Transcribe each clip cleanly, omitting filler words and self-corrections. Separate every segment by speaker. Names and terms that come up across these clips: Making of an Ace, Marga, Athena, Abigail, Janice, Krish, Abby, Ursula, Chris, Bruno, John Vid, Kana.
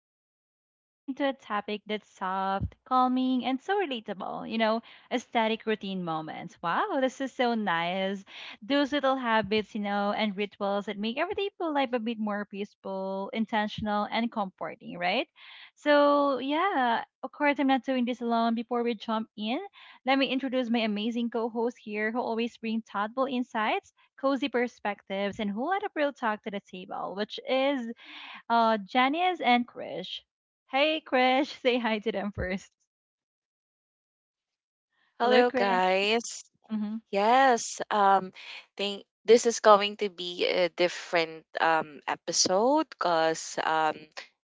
Speaker 1: and today we're diving into a topic that's soft, calming, and so relatable. Aesthetic routine moments. Wow, this is so nice. Those little habits and rituals that make everyday feel life a bit more peaceful, intentional, and comforting, right? So, yeah, of course, I'm not doing this alone. Before we jump in, let me introduce my amazing co host here who always bring thoughtful insights cozy perspectives, and who let up real talk to the table, which is Janice and Krish. Hey, Krish, say hi to them first. Hello,
Speaker 2: Hello,
Speaker 1: Krish.
Speaker 2: guys.
Speaker 1: Hmm.
Speaker 2: Yes, um, think this is going to be a different episode because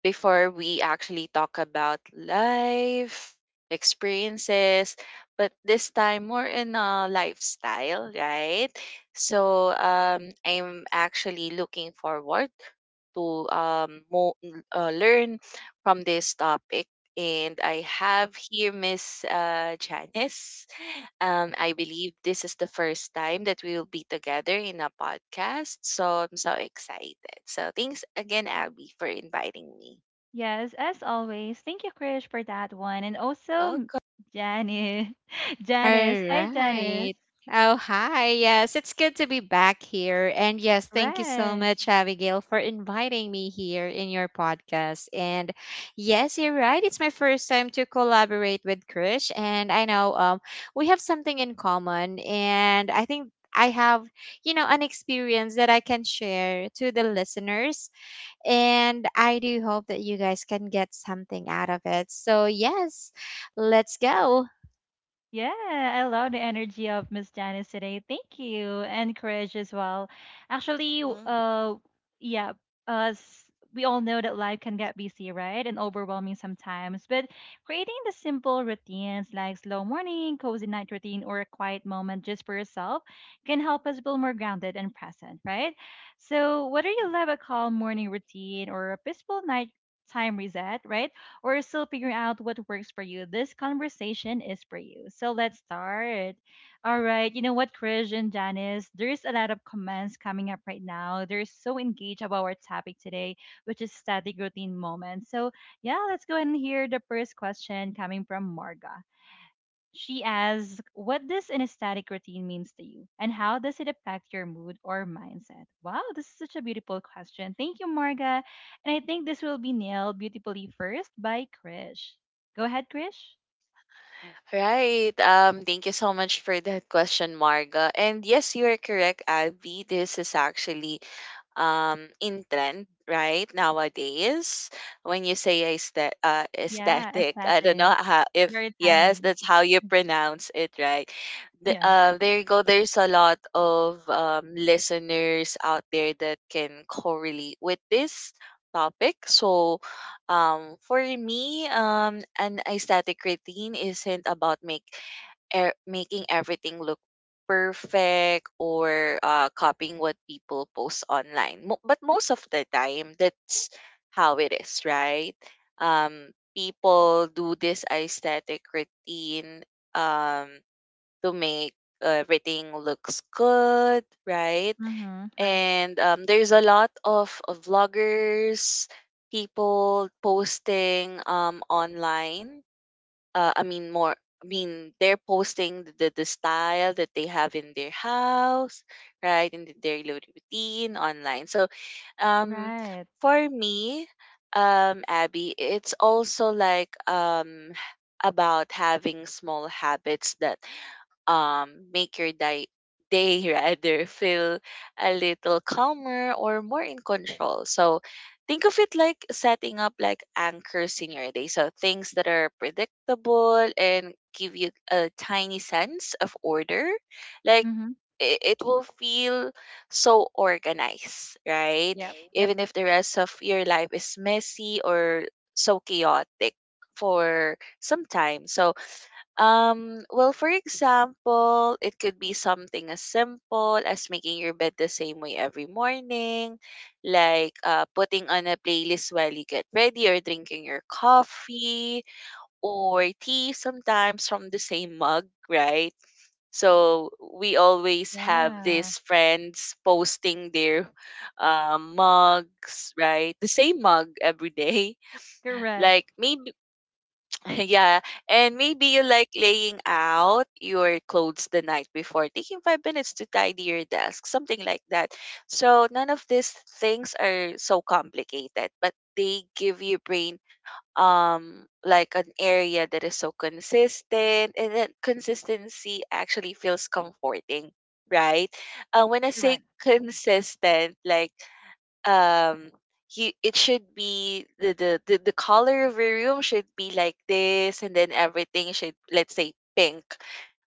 Speaker 2: before we actually talk about life experiences, but this time more in a lifestyle, right? So I'm actually looking forward to learn from this topic, and I have here Miss Janice. I believe this is the first time that we will be together in a podcast. So I'm so excited. So thanks again, Abby, for inviting me.
Speaker 1: Yes, as always, thank you, Krish, for that one. And also,
Speaker 2: Welcome.
Speaker 1: Janice.
Speaker 3: All
Speaker 1: Janice. Hi, Janice.
Speaker 3: right. Oh, hi. Yes, it's good to be back here. And yes, thank you so
Speaker 1: Right.
Speaker 3: much, Abigail, for inviting me here in your podcast. And yes, you're right. It's my first time to collaborate with Krish. And I know we have something in common. And I think I have, you know, an experience that I can share to the listeners. And I do hope that you guys can get something out of it. So, yes, let's go.
Speaker 1: Yeah, I love the energy of Miss Janice today. Thank you. And courage as well. Actually, w-
Speaker 2: Hmm.
Speaker 1: yeah, us we all know that life can get busy, right? And overwhelming sometimes. But creating the simple routines like slow morning, cozy night routine, or a quiet moment just for yourself can help us feel more grounded and present, right? So whether you love a calm morning routine or a peaceful night time reset, right? Or still figuring out what works for you, this conversation is for you. So let's start. All right. You know what, Krish and Janice? There's a lot of comments coming up right now. They're so engaged about our topic today, which is static routine moments. So, yeah, let's go ahead and hear the first question coming from Marga. She asks, what does anesthetic routine means to you? And how does it affect your mood or mindset? Wow, this is such a beautiful question. Thank you, Marga. And I think this will be nailed beautifully first by Krish. Go ahead, Krish.
Speaker 2: Right. Thank you so much for that question, Marga. And yes, you are correct, Abby. This is actually in trend right nowadays when you say
Speaker 1: Yeah,
Speaker 2: aesthetic. I don't
Speaker 1: aesthetic.
Speaker 2: know how, if
Speaker 1: Very
Speaker 2: yes
Speaker 1: timely.
Speaker 2: that's how you pronounce it, right?
Speaker 1: Yeah.
Speaker 2: There you go, there's a lot of listeners out there that can correlate with this topic. So for me, an aesthetic routine isn't about make making everything look perfect or copying what people post online. But most of the time, that's how it is, right? Um, People do this aesthetic routine um, to make everything looks good, right?
Speaker 1: Mm-hmm. Right.
Speaker 2: And there's a lot of vloggers, people posting online, uh, I mean more I mean they're posting the style that they have in their house, right? And their little routine online. So um
Speaker 1: Right.
Speaker 2: for me, Abby, it's also like about having small habits that make your day rather feel a little calmer or more in control. So think of it like setting up like anchors in your day. So things that are predictable and give you a tiny sense of order. Like
Speaker 1: Mm-hmm.
Speaker 2: it will feel so organized, right?
Speaker 1: Yep. Yep.
Speaker 2: Even if the rest of your life is messy or so chaotic for some time. So well, for example, it could be something as simple as making your bed the same way every morning, like putting on a playlist while you get ready, or drinking your coffee or tea sometimes from the same mug, right? So we always have
Speaker 1: Yeah.
Speaker 2: these friends posting their mugs, right? The same mug every day.
Speaker 1: Correct.
Speaker 2: Like maybe yeah. And maybe you like laying out your clothes the night before, taking 5 minutes to tidy your desk, something like that. So none of these things are so complicated, but they give your brain like an area that is so consistent, and that consistency actually feels comforting, right? Uh, when I say
Speaker 1: Correct.
Speaker 2: consistent, like um you, it should be the color of your room should be like this, and then everything should, let's say, pink.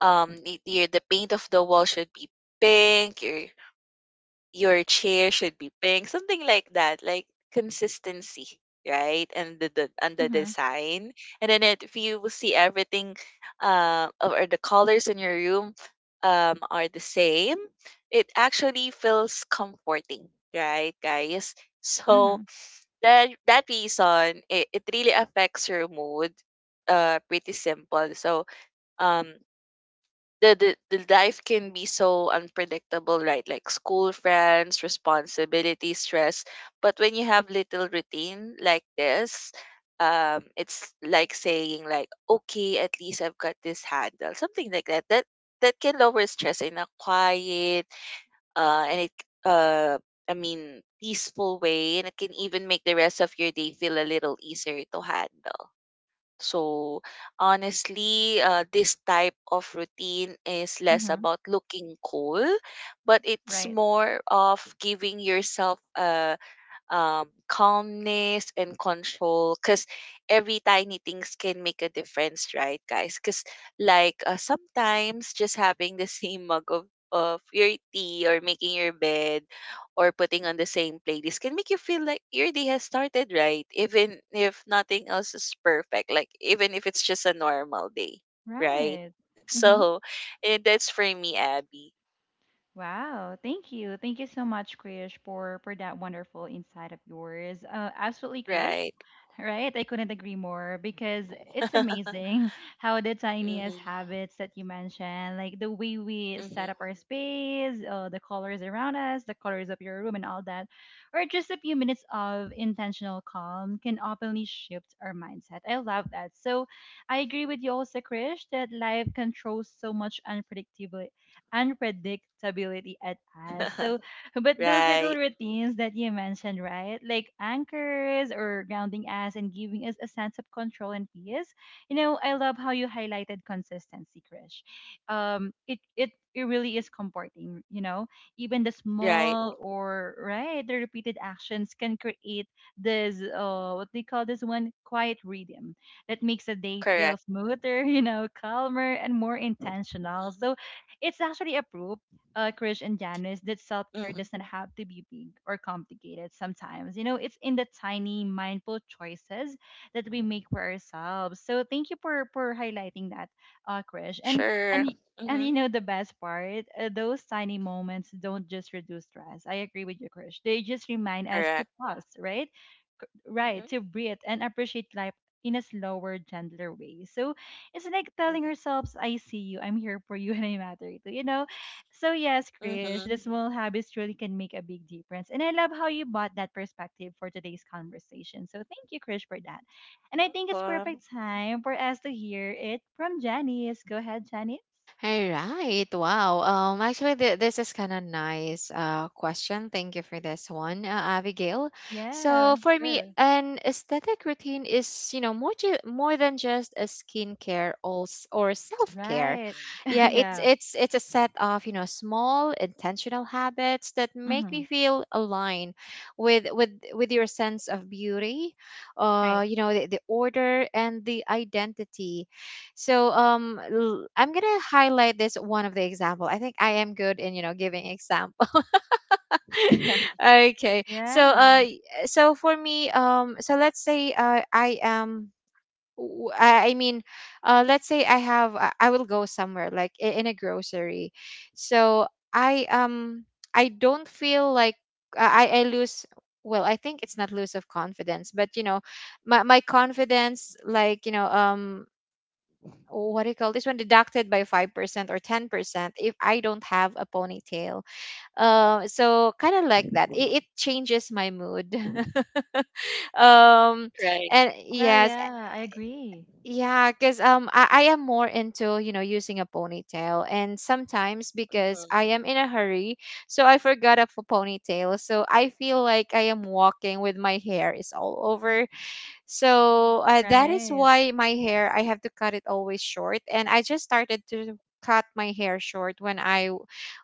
Speaker 2: The paint of the wall should be pink, your chair should be pink, something like that, like consistency, right? And the
Speaker 1: Mm-hmm.
Speaker 2: design. And then, it, if you will see everything, or the colors in your room are the same, it actually feels comforting, right, guys? So
Speaker 1: Mm-hmm.
Speaker 2: that, that reason, it really affects your mood. Pretty simple. So, um, the life can be so unpredictable, right? Like school, friends, responsibility, stress. But when you have little routine like this, it's like saying like, okay, at least I've got this handle, something like that. That can lower stress in a quiet, and it uh, I mean, peaceful way, and it can even make the rest of your day feel a little easier to handle. So honestly, this type of routine is less
Speaker 1: Mm-hmm.
Speaker 2: about looking cool, but it's
Speaker 1: Right.
Speaker 2: more of giving yourself a calmness and control, because every tiny things can make a difference, right, guys? Because like sometimes just having the same mug of your tea, or making your bed or putting on the same playlist, can make you feel like your day has started right, even if nothing else is perfect, like even if it's just a normal day, right?
Speaker 1: Right. Mm-hmm.
Speaker 2: So, and that's for me, Abby.
Speaker 1: Wow, thank you. Thank you so much, Krish, for that wonderful insight of yours. Absolutely, Krish.
Speaker 2: Right.
Speaker 1: Right? I couldn't agree more because it's amazing how the tiniest
Speaker 2: Hmm.
Speaker 1: habits that you mentioned, like the way we
Speaker 2: Hmm.
Speaker 1: set up our space, the colors around us, the colors of your room, and all that, or just a few minutes of intentional calm can openly shift our mindset. I love that. So I agree with you also, Krish, that life controls so much unpredictability at us. So but those little
Speaker 2: Right.
Speaker 1: routines that you mentioned, right? Like anchors or grounding us and giving us a sense of control and peace. You know, I love how you highlighted consistency, Krish. It really is comforting. Even the
Speaker 2: Right.
Speaker 1: small or right, the repeated actions can create this what they call this one quiet rhythm that makes a day feel
Speaker 2: Correct.
Speaker 1: smoother, calmer and more intentional.
Speaker 2: Mhm.
Speaker 1: So it's actually a proof, Krish and Janice, that self care
Speaker 2: Mhm.
Speaker 1: doesn't have to be big or complicated sometimes. You know, it's in the tiny, mindful choices that we make for ourselves. So thank you for highlighting that, Krish. And,
Speaker 2: Sure.
Speaker 1: y- and
Speaker 2: Mhm.
Speaker 1: the best part, those tiny moments don't just reduce stress. I agree with you, Krish. They just remind us to
Speaker 2: Correct.
Speaker 1: pause, right? Right,
Speaker 2: Mhm.
Speaker 1: to breathe and appreciate life in a slower, gentler way. So it's like telling
Speaker 2: Mhm.
Speaker 1: ourselves, I see you, I'm here for you, and I matter to you know So yes, Krish,
Speaker 2: Mhm.
Speaker 1: the small habits really can make a big difference. And I love how you bought that perspective for today's conversation. So thank you, Krish, for that. And I think it's
Speaker 2: Welcome.
Speaker 1: perfect time for us to hear it from Janice. Go ahead, Janice.
Speaker 3: All right. Wow. Actually, this is kind of nice question. Thank you for this one, Abigail. So
Speaker 1: Yeah,
Speaker 3: for me,
Speaker 1: sure.
Speaker 3: an aesthetic routine is, you know, more than just a skincare or or self care.
Speaker 1: Right.
Speaker 3: Yeah, it's
Speaker 1: Yeah.
Speaker 3: it's it's a set of, you know, small intentional habits that make
Speaker 1: Mm-hmm.
Speaker 3: me feel aligned with your sense of beauty,
Speaker 1: Right.
Speaker 3: you know, the order and the identity. So I'm gonna highlight this one of the example. I think I am good in, you know, giving example. Okay. So
Speaker 1: Yeah.
Speaker 3: so for me, um, so let's say, I am w- I mean let's say I have I will go somewhere like, in a grocery. So I, um, I don't feel like I lose, well, I think it's not lose of confidence, but, you know, my confidence, like, you know, um, oh, what do you call this one, deducted by 5% or 10% if I don't have a ponytail. Uh, so kind of like that, it changes my mood. um
Speaker 2: Right.
Speaker 3: and
Speaker 1: Yeah,
Speaker 3: yes.
Speaker 1: yeah. I agree.
Speaker 3: Yeah, because, um, I am more into, you know, using a ponytail, and sometimes because
Speaker 2: Mhm.
Speaker 3: I am in a hurry, so I forgot of a ponytail. So I feel like I am walking with my hair is all over. So, that is
Speaker 1: Right.
Speaker 3: why my hair, I have to cut it always short. And I just started to cut my hair short when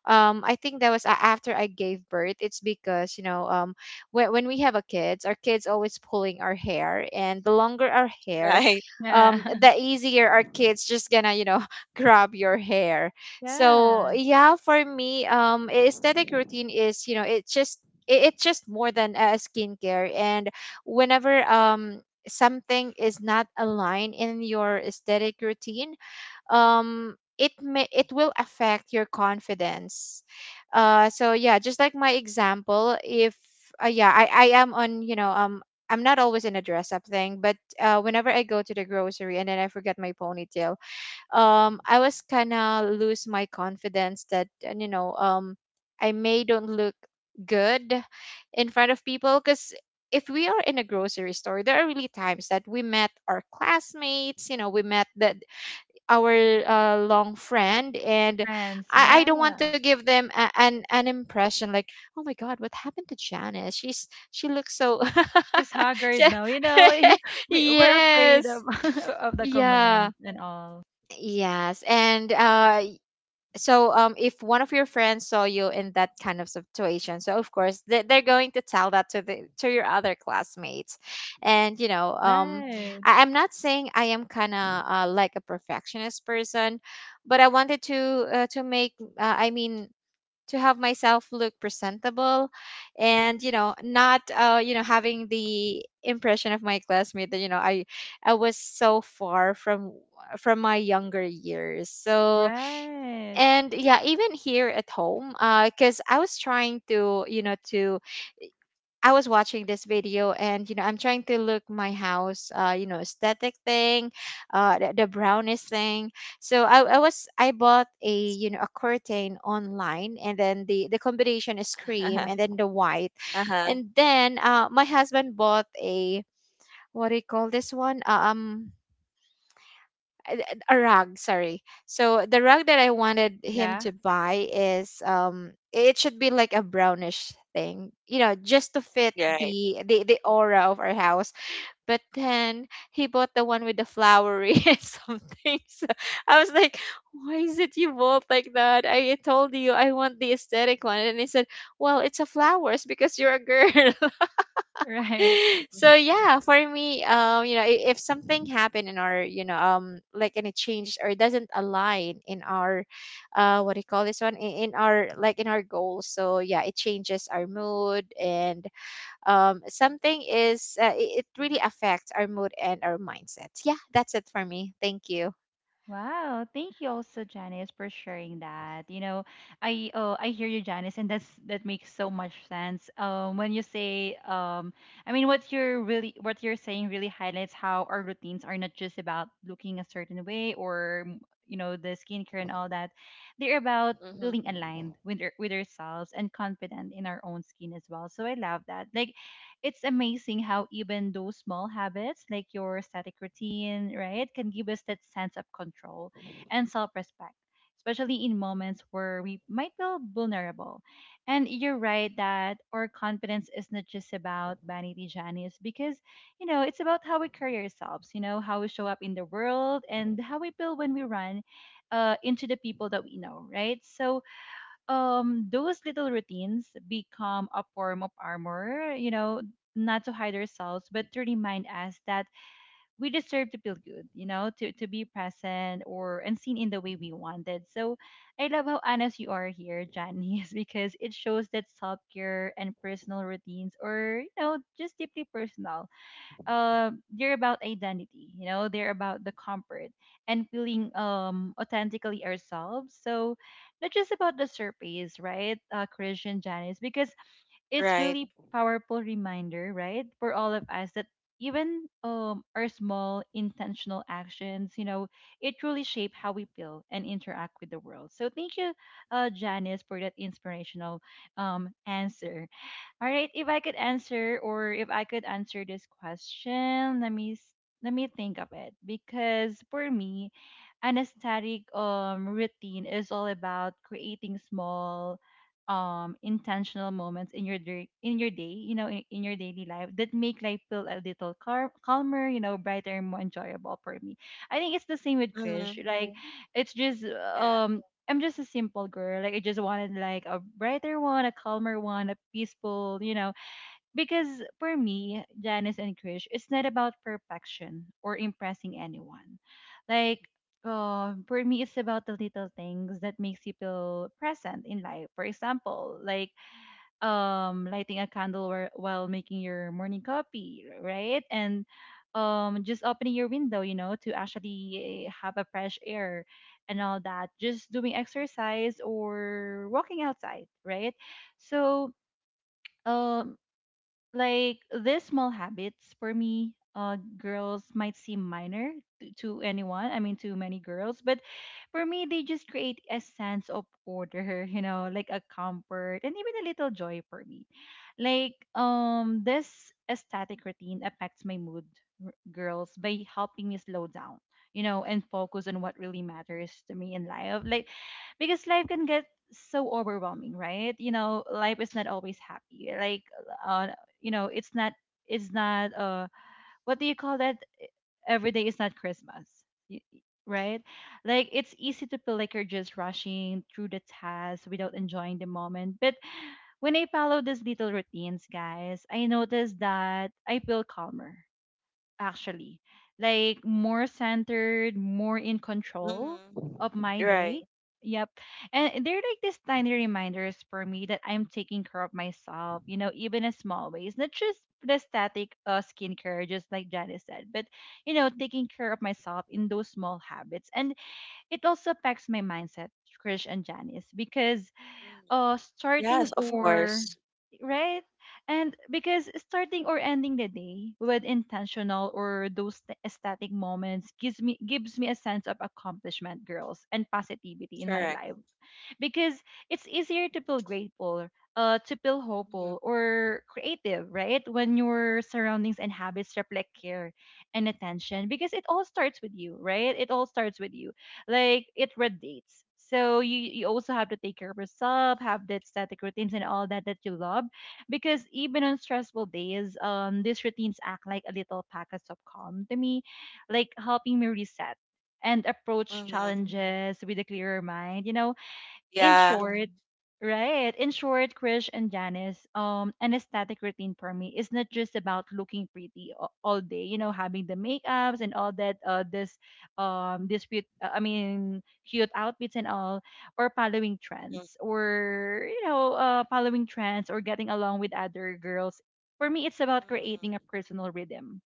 Speaker 3: I think that was after I gave birth. It's because, you know, when we have a kids, our kids always pulling our hair. And the longer our hair,
Speaker 2: Right.
Speaker 1: Yeah.
Speaker 3: the easier our kids just gonna, you know, grab your hair. So
Speaker 1: Yeah.
Speaker 3: yeah, for me, aesthetic routine is, you know, it's just, it's just more than a skincare. And whenever, um, something is not aligned in your aesthetic routine, it will affect your confidence. So yeah, just like my example, if, yeah, I am on, you know, um, I'm not always in a dress up thing, but, whenever I go to the grocery and then I forget my ponytail, um, I was kind of lose my confidence that, and, you know, um, I may don't look good in front of people, because if we are in a grocery store, there are really times that we met our classmates, you know, we met that, our, long friend. And
Speaker 1: Friends.
Speaker 3: I don't
Speaker 1: Yeah.
Speaker 3: want to give them a, an impression like, oh my god, what happened to Janice, she looks so...
Speaker 1: She's haggard now.
Speaker 3: she-
Speaker 1: We're afraid
Speaker 3: yes.
Speaker 1: of, of the
Speaker 3: Yeah.
Speaker 1: comments and all.
Speaker 3: Yes. And uh, so, um, if one of your friends saw you in that kind of situation, so of course they, they're going to tell that to the, to your other classmates. And, you know, um,
Speaker 1: Right.
Speaker 3: I, I'm not saying I am kind of, like a perfectionist person, but I wanted to, to make, uh, i mean to have myself look presentable. And, you know, not, you know, having the impression of my classmate that, you know, I was so far from my younger years. So,
Speaker 1: Right.
Speaker 3: and yeah, even here at home, uh, because I was trying to, you know, to, I was watching this video, and, you know, I'm trying to look my house, uh, you know, aesthetic thing, uh, the brownish thing. So I bought a, you know, a curtain online. And then the combination is cream and then the white.
Speaker 2: Uh huh.
Speaker 3: And then, uh, my husband bought a, what do you call this one, um, a a rug, sorry. So the rug that I wanted him
Speaker 1: Yeah.
Speaker 3: to buy is, um, it should be like a brownish thing, you know, just to fit
Speaker 2: Right.
Speaker 3: the aura of our house. But then he bought the one with the flowery and something. So I was like, why is it you bought like that? I told you I want the aesthetic one. And he said, well, it's a flowers because you're a girl.
Speaker 1: Right.
Speaker 3: So yeah, for me, um, you know, if something happened in our, you know, um, like any change or doesn't align in our, uh, what do you call this one, in our, like, in our goals. So yeah, it changes our mood. And, um, something is, it really affects our mood and our mindset. Yeah, that's it for me. Thank you.
Speaker 1: Wow, thank you also, Janice, for sharing that. I hear you, Janice, and that makes so much sense. When you say, I mean, what you're saying really highlights how our routines are not just about looking a certain way or the skincare and all that. They're about feeling
Speaker 2: Mhm.
Speaker 1: aligned with ourselves and confident in our own skin as well. So I love that. Like it's amazing how even those small habits, like your static routine, right, can give us that sense of control and self respect, especially in moments where we might feel vulnerable. And you're right that our confidence is not just about vanity, Janice, because, it's about how we carry ourselves, how we show up in the world and how we feel when we run into the people that we know, right? So, those little routines become a form of armor, not to hide ourselves but to remind us that we deserve to feel good, to be present or and seen in the way we wanted. So I love how honest you are here, Janice, because it shows that self-care and personal routines are, just deeply personal. They're about identity. They're about the comfort and feeling authentically ourselves. So not just about the surface, right? Christian, Janice, because it's
Speaker 2: Right.
Speaker 1: really powerful reminder, right, for all of us that even our small intentional actions, it truly shape how we feel and interact with the world. So thank you, Janice, for that inspirational answer. All right, if I could answer or if I could answer this question, let me think of it because for me, an aesthetic routine is all about creating small intentional moments in your day, in your daily life that make life feel a little calmer, brighter and more enjoyable for me. I think it's the same with Krish.
Speaker 2: Mhm.
Speaker 1: Like, right, it's just
Speaker 2: Yeah.
Speaker 1: um I'm just a simple girl. Like I just wanted like a brighter one, a calmer one, a peaceful. Because for me, Janice and Krish, it's not about perfection or impressing anyone. Like, for me, it's about the little things that makes you feel present in life. For example, like lighting a candle or, while making your morning coffee, right, and just opening your window, to actually have a fresh air and all that, just doing exercise or walking outside, right. So um like these small habits for me, girls, might seem minor to, anyone, I mean to many girls, but for me they just create a sense of order like a comfort and even a little joy for me. Like this aesthetic routine affects my mood, girls, by helping me slow down, and focus on what really matters to me in life. Like because life can get so overwhelming, right? Life is not always happy. Like, uh, it's not what do you call that, every day is not Christmas. y- y- right, like it's easy to feel like you're just rushing through the task without enjoying the moment. But when I follow these little routines, guys, I notice that I feel calmer actually. Like more centered, more in control
Speaker 2: Mhm.
Speaker 1: of my
Speaker 2: Right.
Speaker 1: day. Yep. And they're like these tiny reminders for me that I'm taking care of myself, even in small ways. Not just the static skincare, just like Janice said, but, taking care of myself in those small habits. And it also affects my mindset, Krish and Janice, because
Speaker 2: Mhm.
Speaker 1: starting
Speaker 2: Yes, of
Speaker 1: or
Speaker 2: course.
Speaker 1: right? And because starting or ending the day with intentional or those ecstatic moments gives me a sense of accomplishment, girls, and positivity in my
Speaker 2: Correct.
Speaker 1: life because it's easier to feel grateful, to feel
Speaker 2: Mhm.
Speaker 1: hopeful or creative, right? When your surroundings and habits reflect care and attention, because it all starts with you, right? It all starts with you. Like it radiates. So you also have to take care of yourself, have that static routines and all that that you love, because even on stressful days, these routines act like a little packets of calm to me, like helping me reset and approach
Speaker 2: Mhm.
Speaker 1: challenges with a clearer mind. You know, in
Speaker 2: Yeah.
Speaker 1: short, right? In short, Krish and Janice, an aesthetic routine for me is not just about looking pretty all day. Having the makeups and all that. This cute, I mean, cute outfits and all, or following
Speaker 2: Mhm.
Speaker 1: trends, or you know, following trends or getting along with other girls. For me, it's about creating a
Speaker 2: Mhm.
Speaker 1: personal rhythm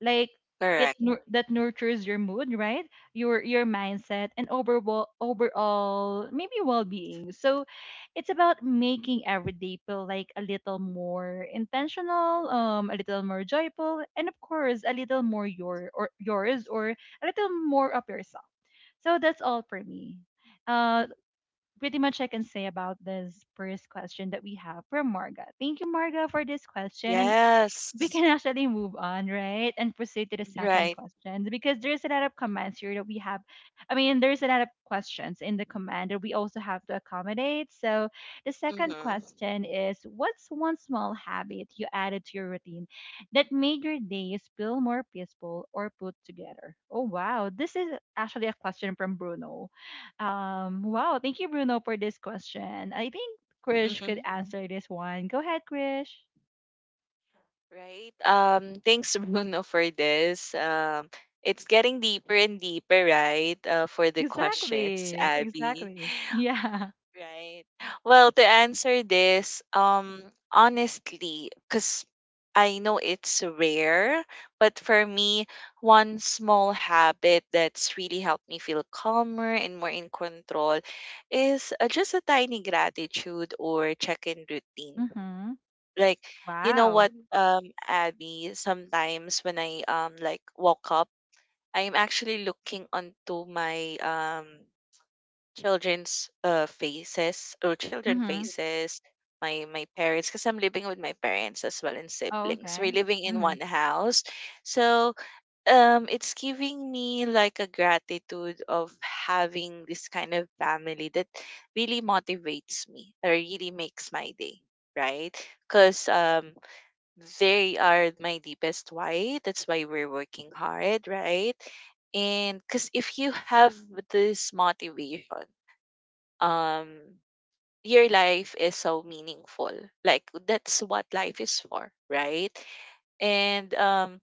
Speaker 1: like
Speaker 2: Correct.
Speaker 1: that nurtures your mood, right, your mindset and overall maybe well-being. So it's about making every day feel like a little more intentional, a little more joyful, and of course a little more your or yours or a little more of yourself. So that's all for me. uh Pretty much I can say about this first question that we have from Marga. Thank you, Marga, for this question. And we
Speaker 2: Yes.
Speaker 1: can actually move on, right? And proceed to the second
Speaker 2: Right.
Speaker 1: question because there's a lot of commands here that we have. I mean, there's a lot of questions in the command that we also have to accommodate. So, the second
Speaker 2: Mhm.
Speaker 1: question is, what's one small habit you added to your routine that made your days feel more peaceful or put together? Oh, wow. This is actually a question from Bruno. Wow. Thank you, Bruno, for this question. I think Krish could
Speaker 2: Mhm.
Speaker 1: answer this one. Go ahead, Krish.
Speaker 2: Right. Thanks, Bruno, for this. It's getting deeper and deeper, right? For the questions,
Speaker 1: Exactly,
Speaker 2: Abby.
Speaker 1: exactly. Yeah.
Speaker 2: Right. Well, to answer this, honestly, because I know it's rare, but for me, one small habit that's really helped me feel calmer and more in control is just a tiny gratitude or check in routine,
Speaker 1: Mm-hmm.
Speaker 2: like, you know
Speaker 1: Wow.
Speaker 2: what, Abby, sometimes when I like woke up, I'm actually looking onto my children's faces or children
Speaker 1: Mm-hmm.
Speaker 2: faces, my parents, because I'm living with my parents as well, and
Speaker 1: Oh,
Speaker 2: siblings, we're
Speaker 1: okay.
Speaker 2: living in
Speaker 1: Mm-hmm.
Speaker 2: one house. So it's giving me like a gratitude of having this kind of family that really motivates me or really makes my day, right? Because they are my deepest why. That's why we're working hard, right? And because if you have this motivation, um, your life is so meaningful. Like that's what life is for, right? And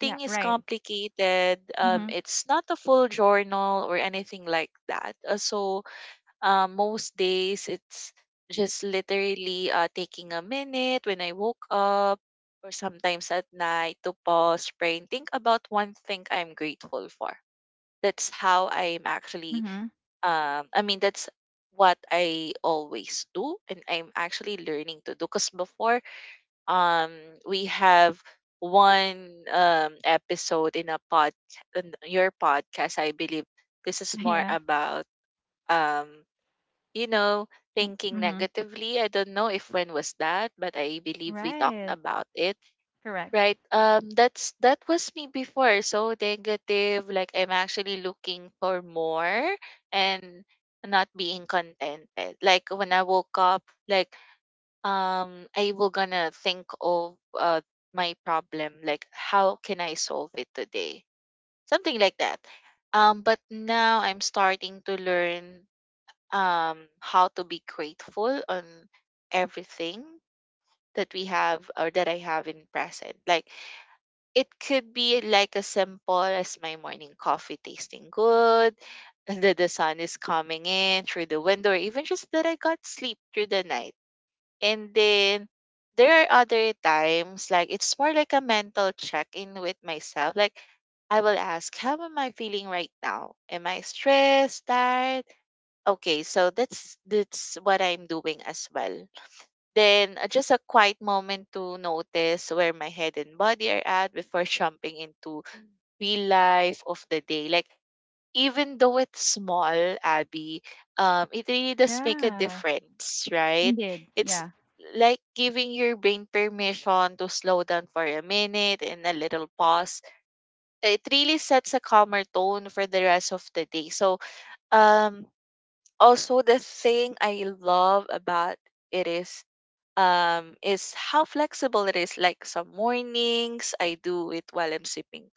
Speaker 1: Yeah,
Speaker 2: is
Speaker 1: right.
Speaker 2: complicated.
Speaker 1: Mm-hmm.
Speaker 2: It's not a full journal or anything like that. So most days it's just literally taking a minute when I woke up or sometimes at night to pause, pray, and think about one thing I'm grateful for. That's how I'm actually,
Speaker 1: Mm-hmm.
Speaker 2: um, I mean, that's what I always do. And I'm actually learning to do because before um, we have one episode in a in your podcast, I believe this is more
Speaker 1: Yeah.
Speaker 2: about um, you know,
Speaker 1: Uh,
Speaker 2: thinking
Speaker 1: Mm-hmm.
Speaker 2: negatively. I don't know if when was that, but I believe we talked
Speaker 1: Right.
Speaker 2: about it,
Speaker 1: Correct.
Speaker 2: right? That's, that was me before. So negative, like I'm actually looking for more and not being contented. Like when I woke up, like I will gonna think of my problem, like how can I solve it today, something like that. But now I'm starting to learn how to be grateful on everything that we have or that I have in present. Like it could be like as simple as my morning coffee tasting good, and that the sun is coming in through the window, or even just that I got sleep through the night. And then there are other times like it's more like a mental check in with myself. Like I will ask, how am I feeling right now? Am I stressed, tired? Okay, so that's what I'm doing as well. Then just a quiet moment to notice where my head and body are at before jumping into real life of the day. Like even though it's small, Abby, it really does make a
Speaker 1: Yeah.
Speaker 2: difference, right?
Speaker 1: Indeed.
Speaker 2: It's
Speaker 1: Yeah.
Speaker 2: like giving your brain permission to slow down for a minute and a little pause. It really sets a calmer tone for the rest of the day. So um also the thing I love about it is how flexible it is, like some mornings I do it while I'm sipping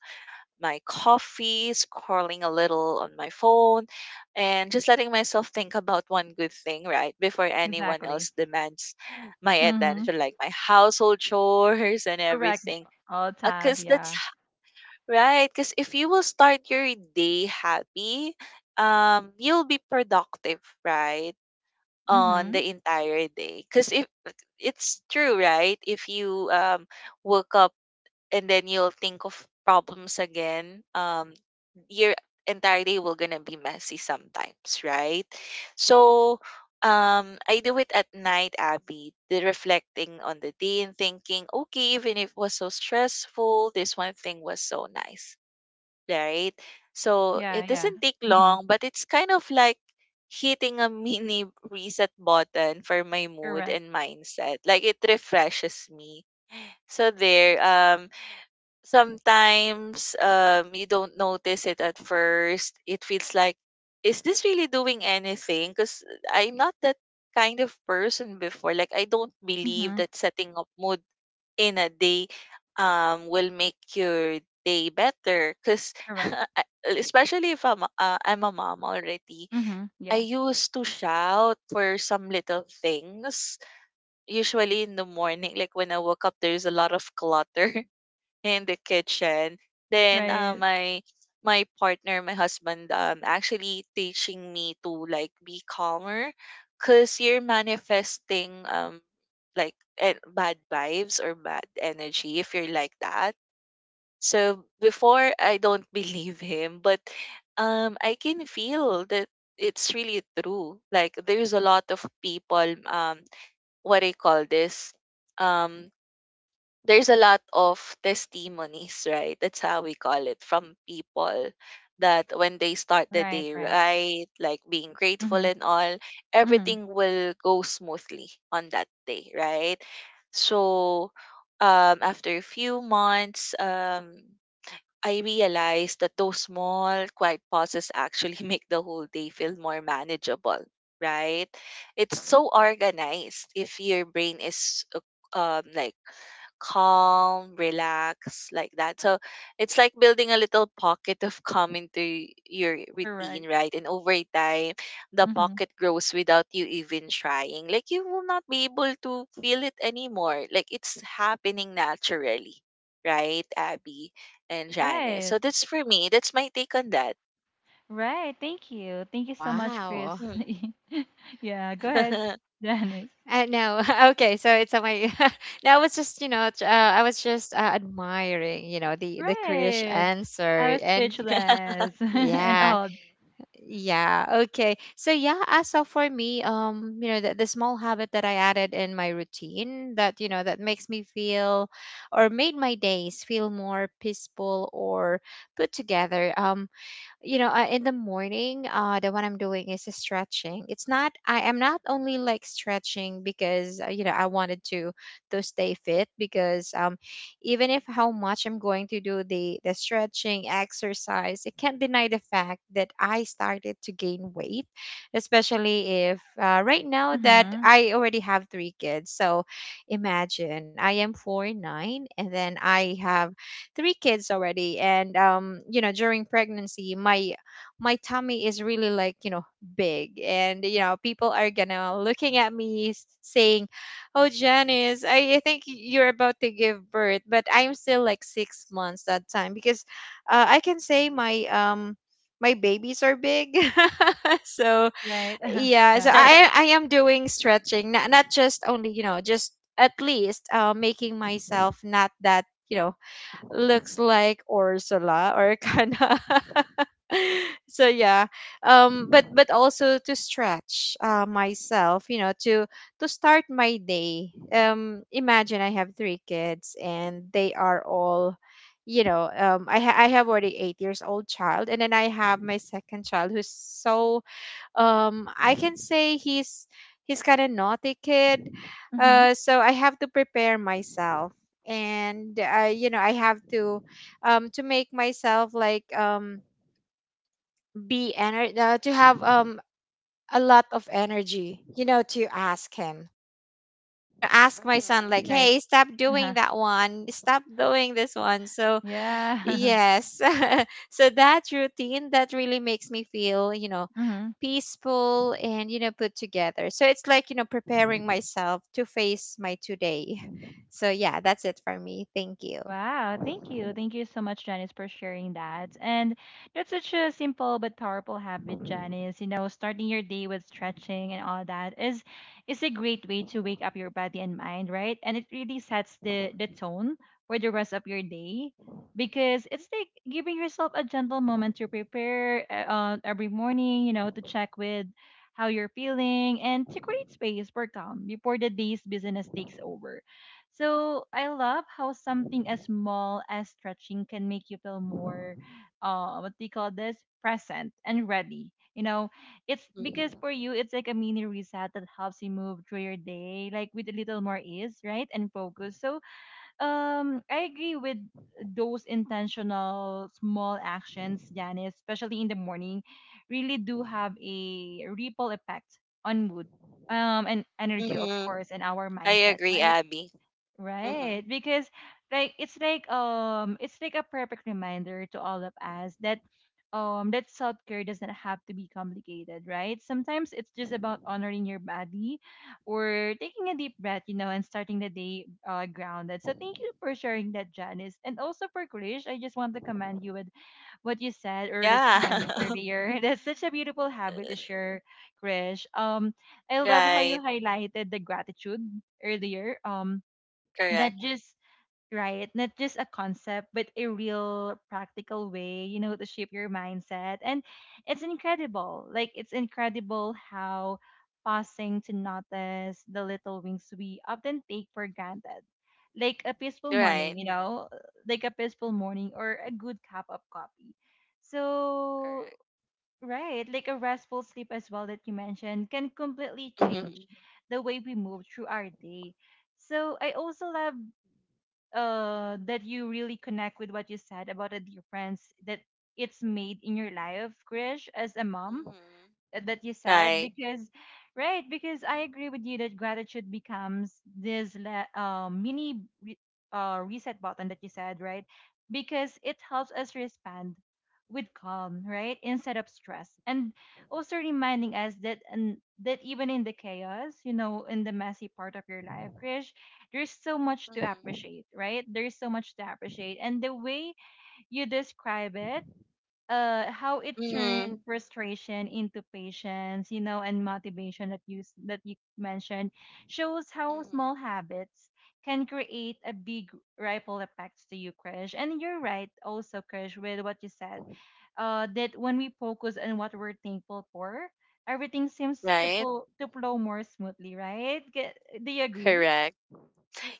Speaker 2: my coffee, scrolling a little on my phone, and just letting myself think about one good thing right before anyone
Speaker 1: Exactly.
Speaker 2: else demands my
Speaker 1: Mm-hmm.
Speaker 2: attention, like my household chores and
Speaker 1: Correct.
Speaker 2: everything.
Speaker 1: All ties.
Speaker 2: Because that's
Speaker 1: Yeah.
Speaker 2: right, because if you will start your day happy, you'll be productive right on
Speaker 1: Mm-hmm.
Speaker 2: the entire day. Because if it's true, right, if you woke up and then you'll think of problems again, your entire day will gonna be messy sometimes, right? So I do it at night, Abby, the reflecting on the day and thinking, okay, even if it was so stressful, this one thing was so nice, right? So
Speaker 1: Yeah.
Speaker 2: it
Speaker 1: Yeah.
Speaker 2: doesn't take
Speaker 1: Mm-hmm.
Speaker 2: long, but it's kind of like hitting a mini reset button for my mood
Speaker 1: Correct.
Speaker 2: and mindset. Like it refreshes me. So there, sometimes you don't notice it at first. It feels like, is this really doing anything? Because I'm not that kind of person before. Like I don't believe
Speaker 1: Mm-hmm.
Speaker 2: that setting up mood in a day will make your day better, because
Speaker 1: Correct.
Speaker 2: especially if I'm I'm a mom already,
Speaker 1: Mm-hmm. Yeah.
Speaker 2: I used to shout for some little things, usually in the morning like when I woke up there's a lot of clutter in the kitchen. Then
Speaker 1: Right.
Speaker 2: my my partner, my husband, actually teaching me to like be calmer, cause you're manifesting bad vibes or bad energy if you're like that. So before I don't believe him, but I can feel that it's really true. Like there's a lot of people, what I call this um there's a lot of testimonies, right? That's how we call it from people that when they start the
Speaker 1: Right.
Speaker 2: day
Speaker 1: Right.
Speaker 2: right, like being grateful
Speaker 1: Mm-hmm.
Speaker 2: and all,
Speaker 1: Mm-hmm.
Speaker 2: everything will go smoothly on that day, right? So after a few months, I realized that those small, quiet pauses actually make the whole day feel more manageable, right? It's so organized if your brain is like calm, relaxed, like that. So it's like building a little pocket of calm into your
Speaker 1: Correct.
Speaker 2: routine, right? And over time, the
Speaker 1: Mm-hmm.
Speaker 2: pocket grows without you even trying. Like you will not be able to feel it anymore. Like it's happening naturally, right, Abby and Janice?
Speaker 1: Right.
Speaker 2: So that's for me. That's my take on that.
Speaker 1: Right. Thank you. Thank you so much, Chris.
Speaker 3: Wow.
Speaker 2: Mm.
Speaker 1: Yeah, go ahead, Dennis.
Speaker 3: No. Okay, so it's on my. No, I was just, you know, I was just, admiring, you know, the Krish
Speaker 1: Right. I
Speaker 3: answer,
Speaker 1: was
Speaker 3: and
Speaker 1: speechless and
Speaker 3: yeah,
Speaker 1: awed.
Speaker 3: yeah. Okay, so yeah. As of for me, you know, the small habit that I added in my routine that, you know, that makes me feel, or made my days feel more peaceful or put together. You know, in the morning, uh, the one I'm doing is a stretching. It's not, I am not only like stretching because, you know, I wanted to stay fit, because, um, even if how much I'm going to do the stretching exercise, it can't deny the fact that I started to gain weight, especially if, right now that
Speaker 1: Mm-hmm.
Speaker 3: I already have 3 kids. So imagine I am 4'9" and then I have 3 kids already. And, um, you know, during pregnancy my my tummy is really like, you know, big. And you know people are gonna looking at me, saying, oh Janice, I think you're about to give birth, but I'm still like 6 months that time because, I can say my, um, my babies are big. So
Speaker 1: Right.
Speaker 3: yeah, so
Speaker 1: Yeah.
Speaker 3: I am doing stretching, not, not just only, you know, just at least, making myself not that, you know, looks like Ursula or Kana. So yeah, um, but also to stretch, myself, you know, to start my day. Um, imagine I have 3 kids, and they are all, you know, um, I have already 8 years old child, and then I have my second child, who's so, um, I can say he's kind of naughty kid.
Speaker 1: Mm-hmm.
Speaker 3: Uh, so I have to prepare myself. And, you know, I have to, um, to make myself like, um, to have, um, a lot of energy, you know, to ask him. You know, ask my son like,
Speaker 2: Mhm.
Speaker 1: Right.
Speaker 3: "Hey, stop doing
Speaker 1: Uh-huh.
Speaker 3: that one. Stop doing this one." So
Speaker 1: Yeah.
Speaker 3: yes. So that routine that really makes me feel, you know,
Speaker 1: Mm-hmm.
Speaker 3: peaceful and, you know, put together. So it's like, you know, preparing myself to face my today. So yeah, that's it for me. Thank you.
Speaker 1: Wow, thank you. Thank you so much, Janice, for sharing that. And that's such a simple but powerful habit, Janice. You know, starting your day with stretching and all that is a great way to wake up your body and mind, right? And it really sets the tone for the rest of your day because it's like giving yourself a gentle moment to prepare, every morning, you know, to check with how you're feeling and to create space for calm before the day's business takes over. So I love how something as small as stretching can make you feel more, what do you call this, present and ready. You know, it's because
Speaker 2: Mhm.
Speaker 1: for you, it's like a mini reset that helps you move through your day, like with a little more ease, right, and focus. So, I agree with those intentional small actions, Janice, especially in the morning, really do have a ripple effect on mood, and
Speaker 2: Mhm.
Speaker 1: energy, of course, and our
Speaker 2: I
Speaker 1: mindset,
Speaker 2: agree,
Speaker 1: right?
Speaker 2: Abby.
Speaker 1: Right,
Speaker 2: Mhm.
Speaker 1: because it's like a perfect reminder to all of us that that self care doesn't have to be complicated, right? Sometimes it's just about honoring your body or taking a deep breath, you know, and starting the day grounded. So thank you for sharing that, Janice, and also for Krish. I just want to commend you with what you said or respond
Speaker 2: Yeah.
Speaker 1: earlier. That's such a beautiful habit to share, Krish. I love how you
Speaker 2: Right.
Speaker 1: highlighted the gratitude earlier.
Speaker 2: Correct.
Speaker 1: That just, right? Not just a concept, but a real practical way, you know, to shape your mindset. And it's incredible. Like, it's incredible how pausing to notice the little wings we often take for granted. Like a peaceful morning,
Speaker 2: Right.
Speaker 1: you know, like a peaceful morning or a good cup of coffee. So,
Speaker 2: Correct.
Speaker 1: right, like a restful sleep as well that you mentioned can completely change
Speaker 2: Mhm.
Speaker 1: the way we move through our day. So I also love that you really connect with what you said about the difference that it's made in your life, Krish, as a mom?
Speaker 2: Mhm.
Speaker 1: That you said
Speaker 2: Right.
Speaker 1: because right, because I agree with you that gratitude becomes this mini reset button that you said, right? Because it helps us respond with calm, right, instead of stress, and also reminding us that and that even in the chaos, you know, in the messy part of your life, Krish, there's so much to
Speaker 2: Mhm.
Speaker 1: appreciate, right? There's so much to appreciate. And the way you describe it, how it
Speaker 2: Mhm.
Speaker 1: turned frustration into patience, you know, and motivation that that you mentioned shows how
Speaker 2: Mhm.
Speaker 1: small habits can create a big ripple effects to you, Krish. And you're right also, Krish, with what you said, that when we focus on what we're thankful for, everything seems to
Speaker 2: Right.
Speaker 1: flow more smoothly, right? Get, do you agree?
Speaker 2: Correct.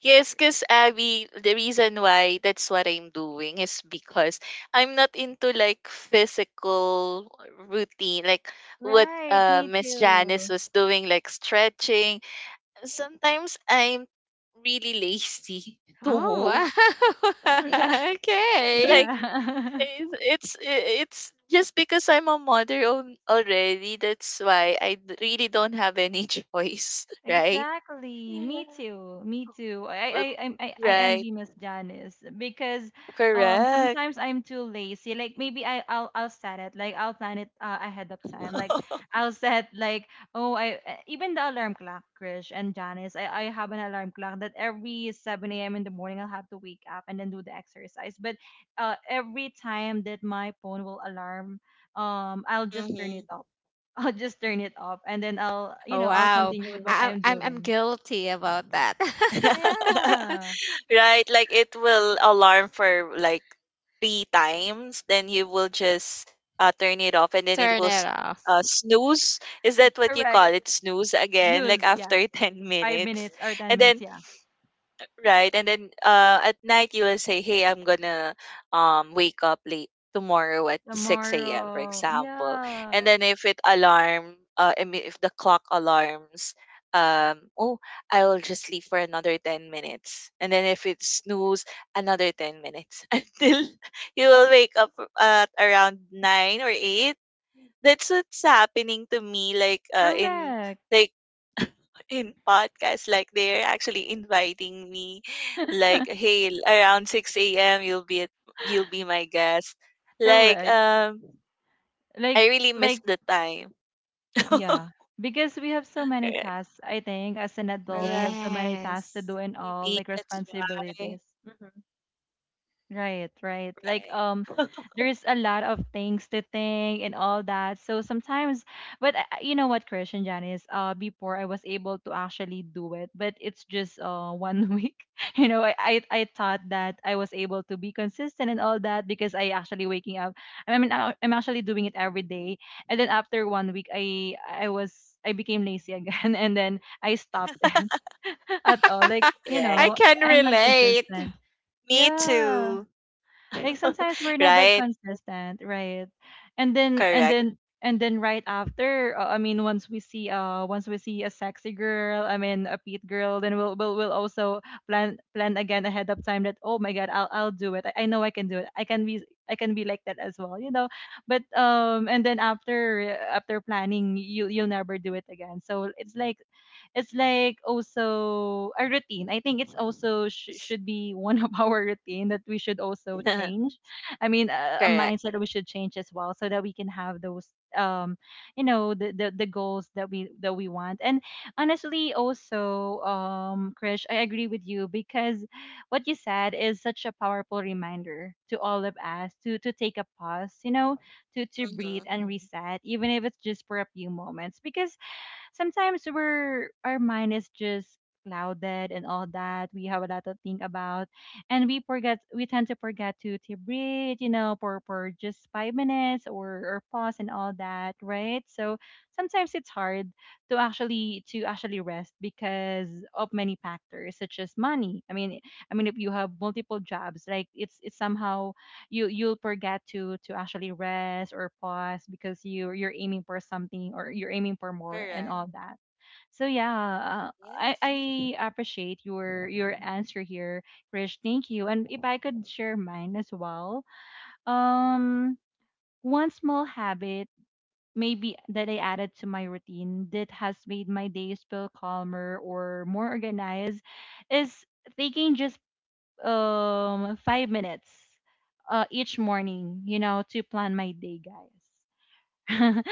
Speaker 2: Yes, because Abby, the reason why that's what I'm doing is because I'm not into like physical routine, like what
Speaker 1: Right, me
Speaker 2: Miss Janice
Speaker 1: too.
Speaker 2: was doing, like stretching. Sometimes I'm really lazy to
Speaker 3: Oh
Speaker 2: move.
Speaker 3: wow. Okay.
Speaker 2: like
Speaker 1: Yeah.
Speaker 2: it's it's it's just because I'm a mother already. That's why I really don't have any choice, right?
Speaker 1: Exactly.
Speaker 2: Yeah.
Speaker 1: Me too. Me too. I
Speaker 2: Right.
Speaker 1: envy Miss Janice because
Speaker 2: Correct.
Speaker 1: sometimes I'm too lazy. Like maybe I'll set it. Like I'll plan it, ahead of time. Like I'll set like, oh, I even the alarm clock, Krish and Janice. I have an alarm clock that every 7 a.m. in the morning I'll have to wake up and then do the exercise. But every time that my phone will alarm, I'll just turn it
Speaker 2: Mhm.
Speaker 1: off. I'll just turn it off, and then I'll, you
Speaker 3: Oh
Speaker 1: know, I'll
Speaker 3: wow.
Speaker 1: continue with what
Speaker 3: I,
Speaker 1: I'm
Speaker 3: I'm
Speaker 1: doing.
Speaker 3: guilty about that.
Speaker 1: Yeah,
Speaker 2: Right, like it will alarm for like three times, then you will just turn it off and then it
Speaker 3: Turn
Speaker 2: will
Speaker 3: it off.
Speaker 2: snooze. Is that what you
Speaker 1: correct.
Speaker 2: call it? Snooze again, like
Speaker 1: Snooze, yeah.
Speaker 2: after 10
Speaker 1: Five
Speaker 2: minutes.
Speaker 1: minutes or 10
Speaker 2: And
Speaker 1: minutes,
Speaker 2: then
Speaker 1: yeah.
Speaker 2: Right. And then at night you will say, "Hey, I'm gonna wake up late tomorrow at 6 a.m., for
Speaker 1: Tomorrow,
Speaker 2: example." And
Speaker 1: yeah,
Speaker 2: then if it alarm I mean, if the clock alarms, oh, I will just sleep for another 10 minutes. And then if it snooze, another 10 minutes until you will wake up at around nine or eight. That's what's happening to me, like, in,
Speaker 1: correct.
Speaker 2: like, in podcasts, like they're actually inviting me, like, hey, around 6 a.m. you'll be at, you'll be my guest, like,
Speaker 1: Correct. Like,
Speaker 2: I really miss
Speaker 1: like,
Speaker 2: the time.
Speaker 1: yeah. Because we have so many
Speaker 2: Right.
Speaker 1: tasks, I think, as an adult, we have
Speaker 2: Right.
Speaker 1: so many tasks to
Speaker 3: Yes.
Speaker 1: do and all,
Speaker 2: Maybe
Speaker 1: like
Speaker 2: that's why.
Speaker 1: responsibilities. Mm-hmm. Right, right. Like
Speaker 2: Right.
Speaker 1: there's a lot of things to think and all that. So sometimes, but you know what, Christian Janice, before I was able to actually do it, but it's just one week. You know, I thought that I was able to be consistent and all that because I actually waking up. I mean, I'm actually doing it every day. And then after 1 week I was I became lazy again and then I stopped it at all. Like, you
Speaker 3: I
Speaker 2: Yeah,
Speaker 1: know,
Speaker 3: can
Speaker 1: I- I'm not
Speaker 3: relate.
Speaker 1: consistent.
Speaker 2: me
Speaker 1: Yeah.
Speaker 2: too.
Speaker 1: Like sometimes we're not that
Speaker 2: Right.
Speaker 1: consistent, right? And then and
Speaker 2: Correct.
Speaker 1: then and then right after, I mean, once we see once we see a sexy girl, I mean a petite girl, then we'll also plan again ahead of time that oh my god, I'll do it. I know I can do it. I can be like that as well, you know. But and then after planning, you you'll never do it again. So it's like also a routine. I think it's also should be one of our routine that we should also change. I mean, a
Speaker 2: Correct.
Speaker 1: mindset that we should change as well, so that we can have those, um, you know, the goals that we want. And honestly, also, Krish, I agree with you because what you said is such a powerful reminder to all of us to take a pause. You know, to breathe
Speaker 2: Hmm.
Speaker 1: and reset, even if it's just for a few moments, because sometimes we're our mind is just clouded and all that. We have a lot to think about, and we forget. We tend to forget to breathe, you know, for just 5 minutes or pause and all that, right? So sometimes it's hard to actually rest because of many factors such as money. I mean, if you have multiple jobs, like it's somehow you'll forget to actually rest or pause because you're aiming for something or you're aiming for more and
Speaker 2: Correct.
Speaker 1: all that. So yeah,
Speaker 2: Yes.
Speaker 1: I appreciate your answer here, Krish. Thank you. And if I could share mine as well,
Speaker 2: Hmm.
Speaker 1: um, one small habit maybe that I added to my routine that has made my days feel calmer or more organized is taking just 5 minutes each morning, you know, to plan my day, guys.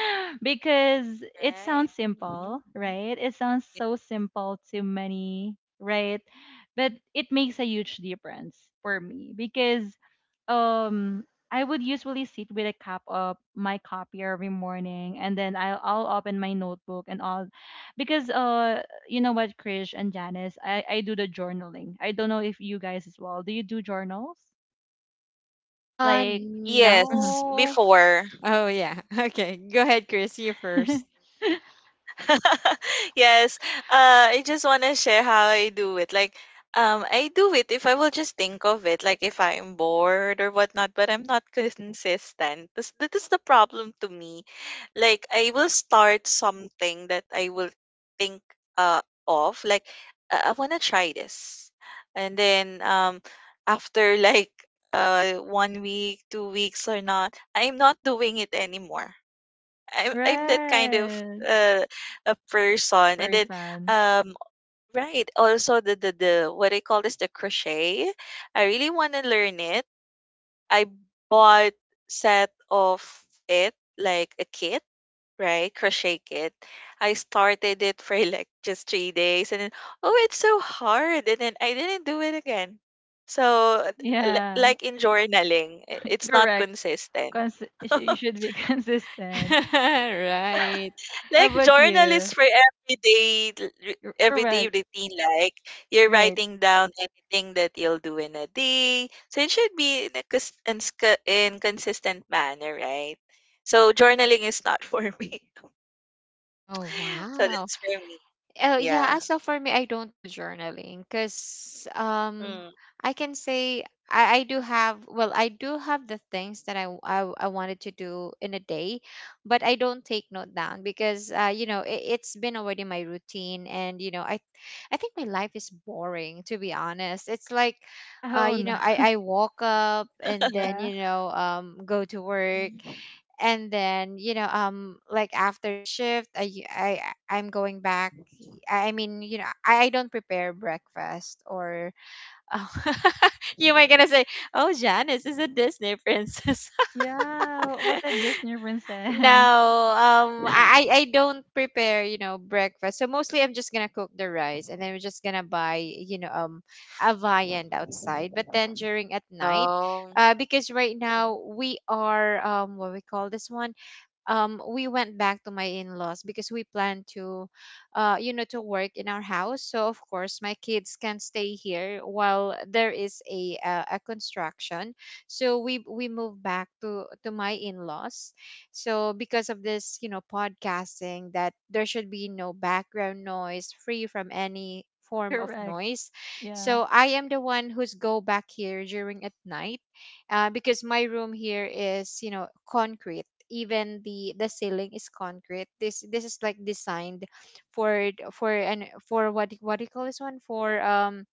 Speaker 1: Because it
Speaker 2: Right.
Speaker 1: sounds simple,
Speaker 2: Mhm.
Speaker 1: right? It sounds so simple to many, right? But it makes a huge difference for me because um I would usually sit with a cup of my coffee every morning and then I'll open my notebook and all because you know what, Krish and Janice, I do the journaling. I don't know if you guys as well. Do you do journals?
Speaker 3: Uh,
Speaker 1: Like Mhm.
Speaker 2: Yes,
Speaker 3: no.
Speaker 2: before.
Speaker 3: Oh yeah. Okay. Go ahead, Chris. You first.
Speaker 2: Yes. I just want to share how I do it. Like, I do it if I will just think of it, like if I'm bored or whatnot, but I'm not consistent. That is the problem to me. Like, I will start something that I will think of, like, I want to try this. And then after like one week, 2 weeks or not, I'm not doing it anymore. I'm that kind of
Speaker 1: Right.
Speaker 2: uh a person. And then
Speaker 1: Person.
Speaker 2: um right, also the what I call is the crochet. I really want to learn it. I bought set of it like a kit, right? Crochet kit. I started it for like just 3 days and then oh, it's so hard. And then I didn't do it again. So,
Speaker 1: Yeah,
Speaker 2: like in journaling, it's not
Speaker 1: correct.
Speaker 2: consistent.
Speaker 1: You should be consistent.
Speaker 3: Right.
Speaker 1: How
Speaker 2: Like
Speaker 1: about
Speaker 2: journal is
Speaker 1: you?
Speaker 2: for everyday
Speaker 1: You're
Speaker 2: everyday
Speaker 1: correct.
Speaker 2: routine, like you're
Speaker 1: Right.
Speaker 2: writing down anything that you'll do in a day, so it should be in a cons- in sc- in consistent manner, right? So journaling is not for me.
Speaker 3: Oh
Speaker 2: So
Speaker 3: wow.
Speaker 2: that's for me.
Speaker 3: Oh yeah,
Speaker 2: Yeah.
Speaker 3: as of for me, I don't do journaling because, um,
Speaker 2: Mm.
Speaker 3: I can say I do have, well, I do have the things that I, I wanted to do in a day, but I don't take note down, because, uh, you know it, it's been already my routine. And, you know, I think my life is boring, to be honest. It's like, uh,
Speaker 1: Oh
Speaker 3: you
Speaker 1: no.
Speaker 3: know, I walk up, and then,
Speaker 1: Yeah.
Speaker 3: you know, um, go to work.
Speaker 2: Mhm.
Speaker 3: And then, you know, um, like after the shift, I I'm going back. I mean, you know, I don't prepare breakfast, or oh, you might gonna say, "Oh, Janice is a Disney princess."
Speaker 1: Yeah. What a Disney
Speaker 3: No,
Speaker 1: princess.
Speaker 3: I I don't prepare, you know, breakfast. So mostly I'm just gonna cook the rice, and then we're just gonna buy, you know, a viand outside. But then during at night,
Speaker 2: Oh.
Speaker 3: because right
Speaker 2: Mm-hmm.
Speaker 3: now we are, what we call this one, we went back to my in-laws, because we plan to, you know, to work in our house. So of course, my kids can stay here while there is a, a construction. So we moved back to my in-laws. So because of this, you know, podcasting, that there should be no background noise, free from any form of
Speaker 1: Correct.
Speaker 3: noise.
Speaker 1: Yeah.
Speaker 3: So I am the one who's go back here during at night because my room here is, you know, concrete. Even the ceiling is concrete. This is like designed for what do you call this one, for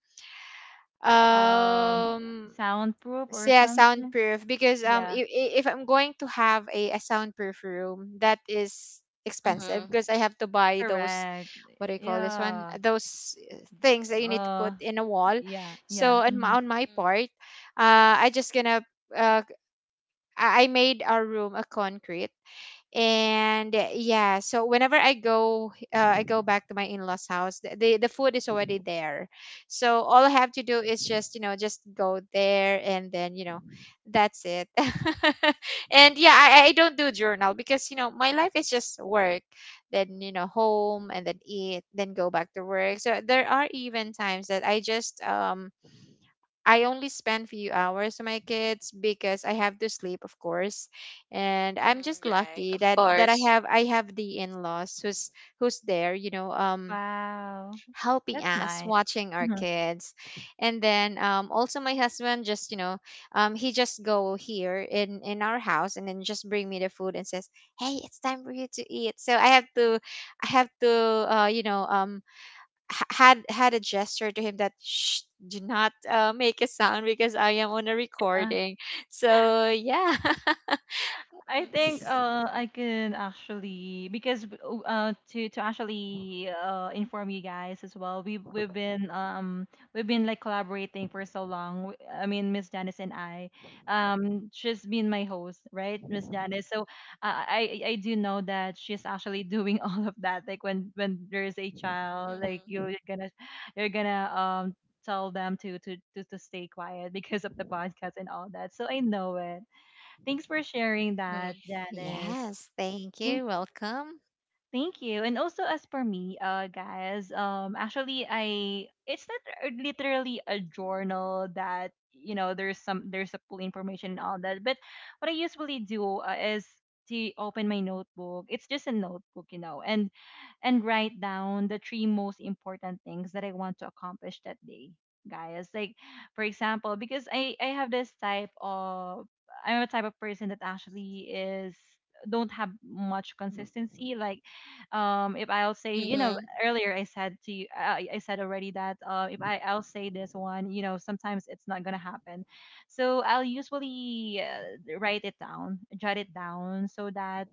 Speaker 1: Um,
Speaker 3: um
Speaker 1: soundproof or
Speaker 3: yeah,
Speaker 1: something.
Speaker 3: soundproof. Because
Speaker 1: Yeah.
Speaker 3: if I'm going to have a soundproof room, that is expensive
Speaker 2: Mm-hmm.
Speaker 3: because I have to buy those,
Speaker 1: Correct.
Speaker 3: what do you call this one,
Speaker 1: Yeah.
Speaker 3: those things that you need to put
Speaker 1: Uh.
Speaker 3: in a wall.
Speaker 1: Yeah.
Speaker 3: So
Speaker 1: Yeah. Hmm.
Speaker 3: on my part, I just gonna uh, I made our room a concrete. And yeah, so whenever I go back to my in-laws' house. The food is already there, so all I have to do is just, you know, just go there and then, you know, that's it. And yeah, I don't do journal because, you know, my life is just work, then, you know, home and then eat, then go back to work. So there are even times that I just I only spend few hours with my kids because I have to sleep, of course. And I'm just
Speaker 2: Mm-hmm. Right.
Speaker 3: lucky
Speaker 2: Of
Speaker 3: that I
Speaker 2: course.
Speaker 3: have the in-laws who's there,
Speaker 1: Wow.
Speaker 3: helping
Speaker 1: That's
Speaker 3: us,
Speaker 1: nice.
Speaker 3: watching our kids. And then also my husband just, you know, he just go here in our house and then just bring me the food and says, "Hey, it's time for you to eat." So I have to you know, h- had had a gesture to him that shh, do not make a sound because I am on a
Speaker 1: Mhm.
Speaker 3: recording. So yeah,
Speaker 1: I think
Speaker 2: Mm-hmm.
Speaker 1: I can actually because to actually inform you guys as well. We've been like collaborating for so long. I mean Miss Janice and I. She's been my host, right? Miss Janice. I do know that she's actually doing all of that. Like when there's a child, like
Speaker 2: Mm-hmm.
Speaker 1: you're gonna you're gonna tell them to stay quiet because of the podcast and all that. So I know it. Thanks for sharing that,
Speaker 2: Mm-hmm.
Speaker 1: Janice.
Speaker 3: yes, thank
Speaker 1: Thank
Speaker 3: you, welcome.
Speaker 1: thank you. And also as for me, guys, actually I it's not literally a journal that, you know, there's some there's a full information and all that. But what I usually do is to open my notebook. It's just a notebook, you know. And write down the three most important things that I want to accomplish that day, guys. Like, for example, because I have this type of, I'm a type of person that actually is don't have much consistency. Like if I'll say, you know,
Speaker 2: Mm-hmm.
Speaker 1: earlier I said to you I said already that if I'll say this one, you know, sometimes it's not gonna happen. So I'll usually write it down, jot it down, so that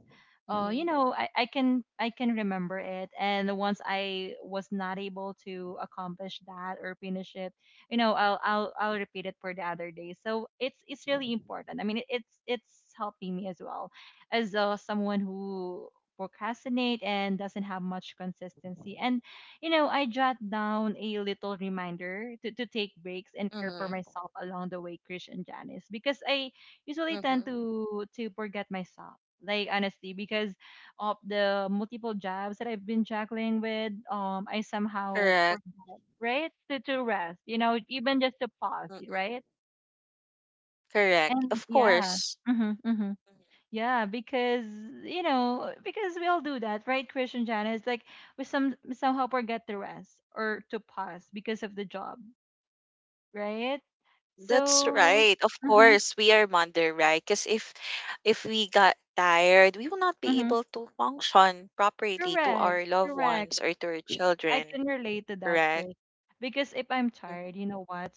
Speaker 1: you
Speaker 2: Mm-hmm.
Speaker 1: know, I can remember it. And once I was not able to accomplish that or finish it, you know, I'll repeat it for the other day. So it's really important. I mean, it's helping me as well as someone who procrastinate and doesn't have much consistency. And you know, I jot down a little reminder to take breaks and care for
Speaker 2: Mm-hmm.
Speaker 1: myself along the way, Krish and Janice, because I usually
Speaker 2: Mm-hmm.
Speaker 1: tend to forget myself. Like honestly, because of the multiple jobs that I've been juggling with, I somehow
Speaker 2: Correct.
Speaker 1: forget, right? To rest, you know, even just to pause,
Speaker 2: Mm-hmm.
Speaker 1: right?
Speaker 2: Correct.
Speaker 1: And
Speaker 2: Of
Speaker 1: yeah.
Speaker 2: course.
Speaker 1: Mm-hmm, mm-hmm.
Speaker 2: Mhm.
Speaker 1: Yeah, because you know, because we all do that, right, Christian Janice? Like we somehow forget to rest or to pause because of the job, right?
Speaker 2: That's
Speaker 1: So,
Speaker 2: right. Of
Speaker 1: mm-hmm,
Speaker 2: course, we are mother, right? Because if we got tired, we will not be
Speaker 1: mm-hmm,
Speaker 2: able to function properly to
Speaker 1: correct,
Speaker 2: our loved
Speaker 1: correct.
Speaker 2: ones or to our
Speaker 1: I
Speaker 2: children,
Speaker 1: can relate to that,
Speaker 2: correct?
Speaker 1: Chris. Because if I'm
Speaker 2: Mm-hmm.
Speaker 1: tired, you know what?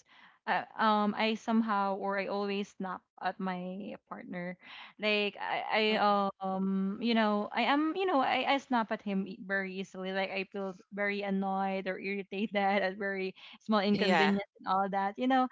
Speaker 1: I somehow or I always snap at my partner. Like
Speaker 2: Mm-hmm.
Speaker 1: I you know, you know, I snap at him very easily. Like I feel very annoyed or irritated at very small
Speaker 2: Yeah.
Speaker 1: inconvenience and all that. You know,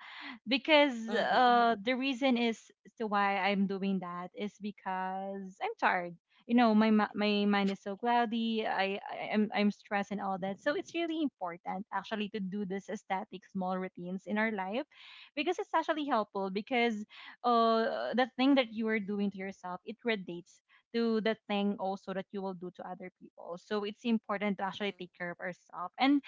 Speaker 1: because
Speaker 2: Mm-hmm.
Speaker 1: the reason is to why I'm doing that is because I'm tired. You know, my mind is so cloudy. I'm stressed and all that. So it's really important actually to do this aesthetic small routines in our life, because it's actually helpful. Because the thing that you are doing to yourself, it relates to the thing also that you will do to other people. So it's important to actually take
Speaker 2: Mm-hmm.
Speaker 1: care of ourselves. And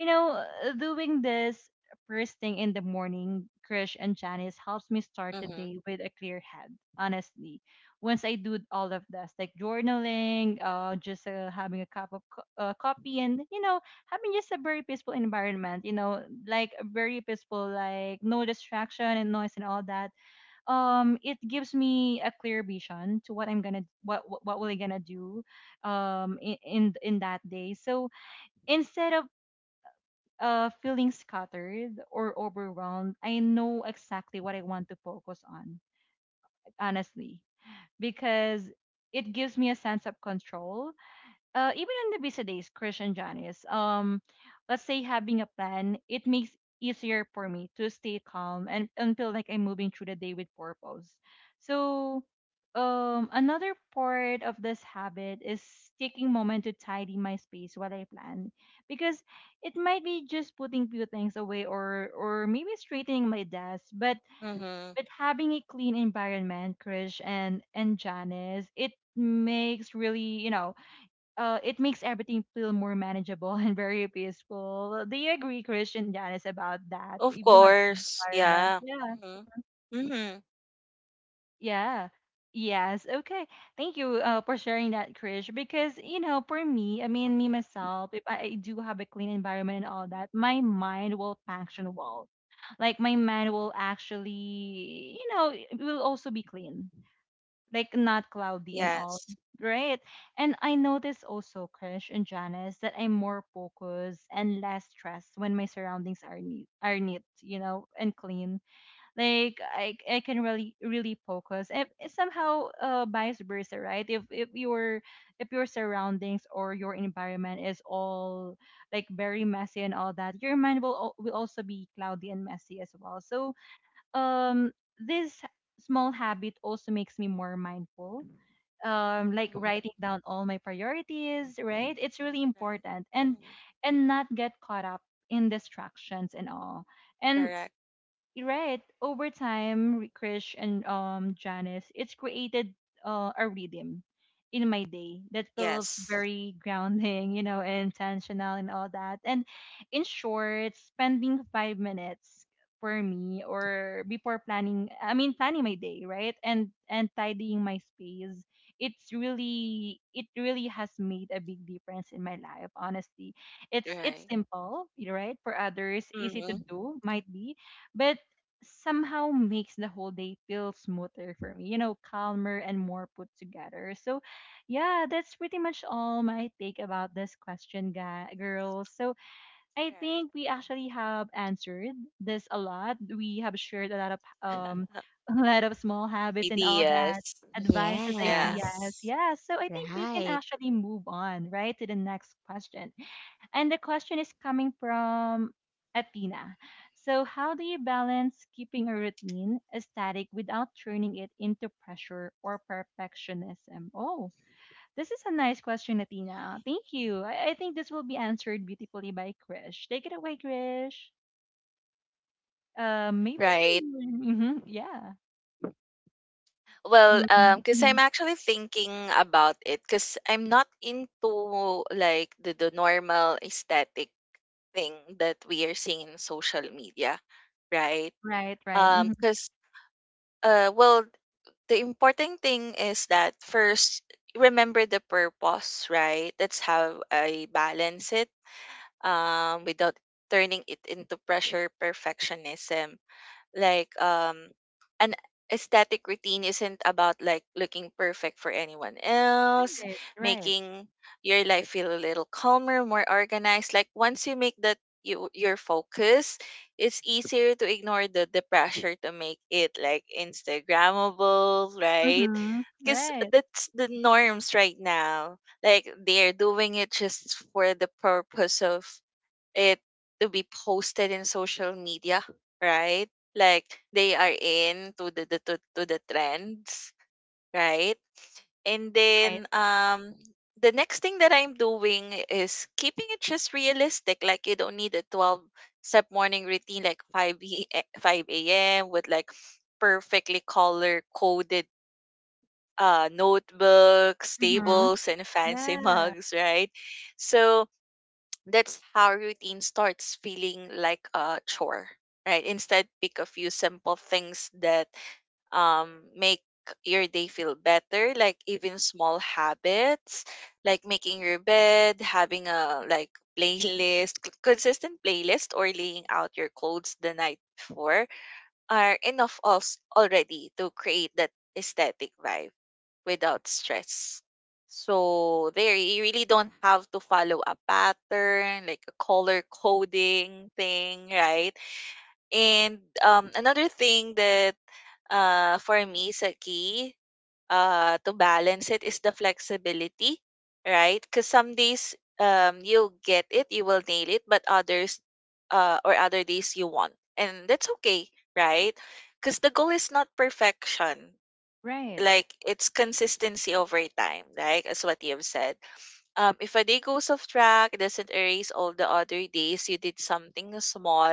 Speaker 1: you know, doing this first thing in the morning, Krish and Janice, helps me start the
Speaker 2: Mm-hmm.
Speaker 1: day with a clear head, honestly. Once I do all of this, like journaling, just having a cup of coffee, and, you know, having just a very peaceful environment, you know, like a very peaceful, like no distraction and noise and all that. It gives me a clear vision to what I'm gonna, what will I gonna do, in that day. So instead of feeling scattered or overwhelmed, I know exactly what I want to focus on, honestly, because it gives me a sense of control even on the busy days, Christian Janice. Let's say having a plan, it makes easier for me to stay calm and feel like I'm moving through the day with purpose. So, another part of this habit is taking moment to tidy my space while I plan, because it might be just putting few things away or maybe straightening my desk. But
Speaker 2: Mm-hmm.
Speaker 1: having a clean environment, Krish and Janice, it makes really, you know, it makes everything feel more manageable and very peaceful. Do you agree, Christian Janice, about that?
Speaker 2: Of
Speaker 1: If you have
Speaker 2: course.
Speaker 1: environment,
Speaker 2: Yeah.
Speaker 1: yeah,
Speaker 2: Mm-hmm. Mm-hmm.
Speaker 1: yeah, yes, okay. Thank you for sharing that, Krish. Because you know, for me, I mean, me myself, if I do have a clean environment and all that, my mind will function well. Like my mind will actually, you know, it will also be clean, like not cloudy and all,
Speaker 2: Yes.
Speaker 1: right? And I notice also, Krish and Janice, that I'm more focused and less stressed when my surroundings are neat, you know, and clean. Like I can really, really focus. If somehow, vice versa, right? If your if your surroundings or your environment is all like very messy and all that, your mind will will also be cloudy and messy as well. So um this small habit also makes me more mindful. Like
Speaker 2: Mm-hmm.
Speaker 1: writing down all my priorities, right, it's really
Speaker 2: Right.
Speaker 1: important. and
Speaker 2: Mm-hmm.
Speaker 1: and not get caught up in distractions and all. And
Speaker 2: Correct.
Speaker 1: right over time, Krish and Janice, it's created a rhythm in my day that feels
Speaker 2: Yes.
Speaker 1: very grounding, you know, and intentional and all that. And in short, spending 5 minutes for me or before planning I mean planning my day, right, and tidying my space, it's really, it really has made a big difference in my life, honestly. It's
Speaker 2: Right.
Speaker 1: simple, right, for others easy to
Speaker 2: Mm-hmm.
Speaker 1: do might be, but somehow makes the whole day feel smoother for me, you know, calmer and more put together. So, yeah, that's pretty much all my take about this question, guy, girls. So, I
Speaker 2: Right.
Speaker 1: think we actually have answered this a lot. We have shared a lot of um a lot of small habits and all that,
Speaker 2: ideas.
Speaker 1: advices,
Speaker 2: Yeah,
Speaker 1: ideas.
Speaker 3: Yes,
Speaker 1: Yeah, so I think we can
Speaker 3: right,
Speaker 1: actually move on, right, to the next question. And the question is coming from Athena. So, how do you balance keeping a routine static without turning it into pressure or perfectionism? Oh, this is a nice question, Athena. Thank you. I think this will be answered beautifully by Krish. Take it away, Krish. Maybe.
Speaker 2: right.
Speaker 1: Hmm, yeah.
Speaker 2: Well,
Speaker 1: Mm-hmm,
Speaker 2: because
Speaker 1: mm-hmm.
Speaker 2: I'm actually thinking about it, because I'm not into like the normal aesthetic thing that we are seeing in social media, right?
Speaker 1: Right, right. Hmm.
Speaker 2: Because well, the important thing is that first remember the purpose, right? That's how I balance it, without turning it into pressure perfectionism, like an aesthetic routine isn't about like looking perfect for anyone else,
Speaker 1: Right, right.
Speaker 2: making your life feel a little calmer, more organized. Like, once you make that you your focus, it's easier to ignore the pressure to make it like instagrammable, right?
Speaker 1: Hmm.
Speaker 2: Because
Speaker 1: Right,
Speaker 2: that's the norms right now, like they're doing it just for the purpose of it to be posted in social media, right? Like they are in to the trends, right? And
Speaker 1: right.
Speaker 2: then the next thing that I'm doing is keeping it just realistic. Like you don't need a 12 step morning routine, like 5 5 a.m. with like perfectly color coded notebooks,
Speaker 1: Hmm.
Speaker 2: tables and fancy
Speaker 1: Yeah,
Speaker 2: mugs, right? So that's how routine starts feeling like a chore, right? Instead, pick a few simple things that make your day feel better, like even small habits, like making your bed, having a like playlist, consistent playlist, or laying out your clothes the night before are enough already to create that aesthetic vibe without stress. So there you really don't have to follow a pattern like a color coding thing, right? And another thing that for me is a key to balance it is the flexibility, right? Because some days you'll get it, you will nail it, but others or other days you won't. And that's okay, right? Because the goal is not perfection,
Speaker 1: right.
Speaker 2: like it's consistency over time, like as what you have said. If a day goes off track, it doesn't erase all the other days you did something small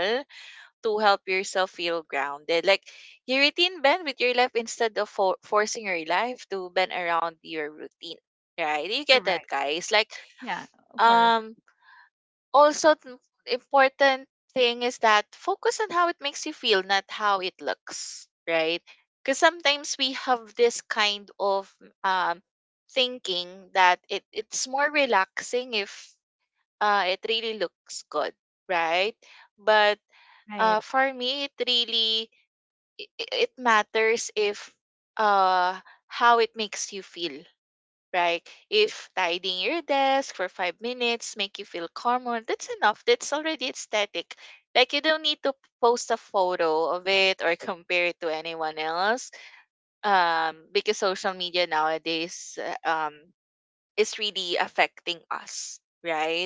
Speaker 2: to help yourself feel grounded. Like your routine bend with your life instead of forcing your life to bend around your routine. Right? You get that,
Speaker 1: Correct.
Speaker 2: guys? Like,
Speaker 1: Yeah, of course.
Speaker 2: um, also, important thing is that focus on how it makes you feel, not how it looks, right? Because sometimes we have this kind of um, thinking that it's more relaxing if it really looks good, right? But
Speaker 1: Right.
Speaker 2: for me, it really it matters if uh, how it makes you feel, right? If tidying your desk for 5 minutes make you feel calmer, that's enough. That's already aesthetic. Like you don't need to post a photo of it or compare it to anyone else. Because social media nowadays, uh, um, is really affecting us, right?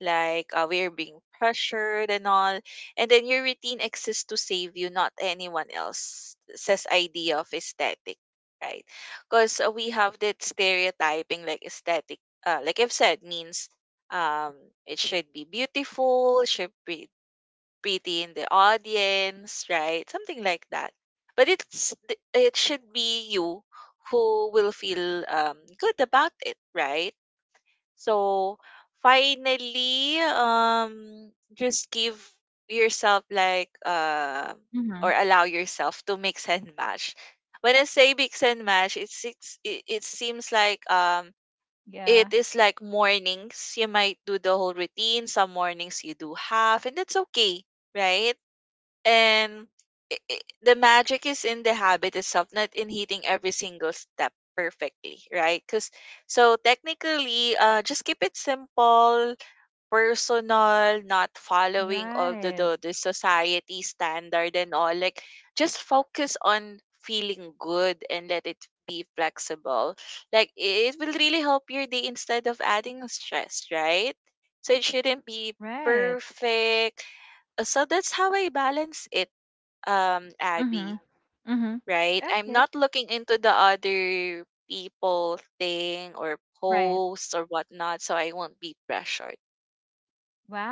Speaker 2: Like we're being pressured and all. And then your routine exists to save you, not anyone else, says idea of aesthetic, right? Because we have that stereotyping like aesthetic, like I've said, means um, it should be beautiful, it should be pretty in the audience, right? Something like that. But it should be you who will feel good about it, right? So finally, just give yourself like or
Speaker 1: Mhm.
Speaker 2: allow yourself to mix and match. When I say mix and match, it seems like it
Speaker 1: Yeah.
Speaker 2: is like mornings you might do the whole routine, some mornings you do half, and that's okay, right? And I the magic is in the habit itself, not in hitting every single step perfectly, right? Because so technically, just keep it simple, personal, not following all
Speaker 1: Right.
Speaker 2: the society standard and all. Like just focus on feeling good and let it be flexible. Like it will really help your day instead of adding stress, right? So it shouldn't be
Speaker 1: Right.
Speaker 2: perfect. So that's how I balance it,
Speaker 1: Mhm.
Speaker 2: Abby,
Speaker 1: Mhm.
Speaker 2: right? I'm
Speaker 1: Okay.
Speaker 2: not looking into the other people thing or
Speaker 1: Right.
Speaker 2: posts or whatnot, so I won't be pressured.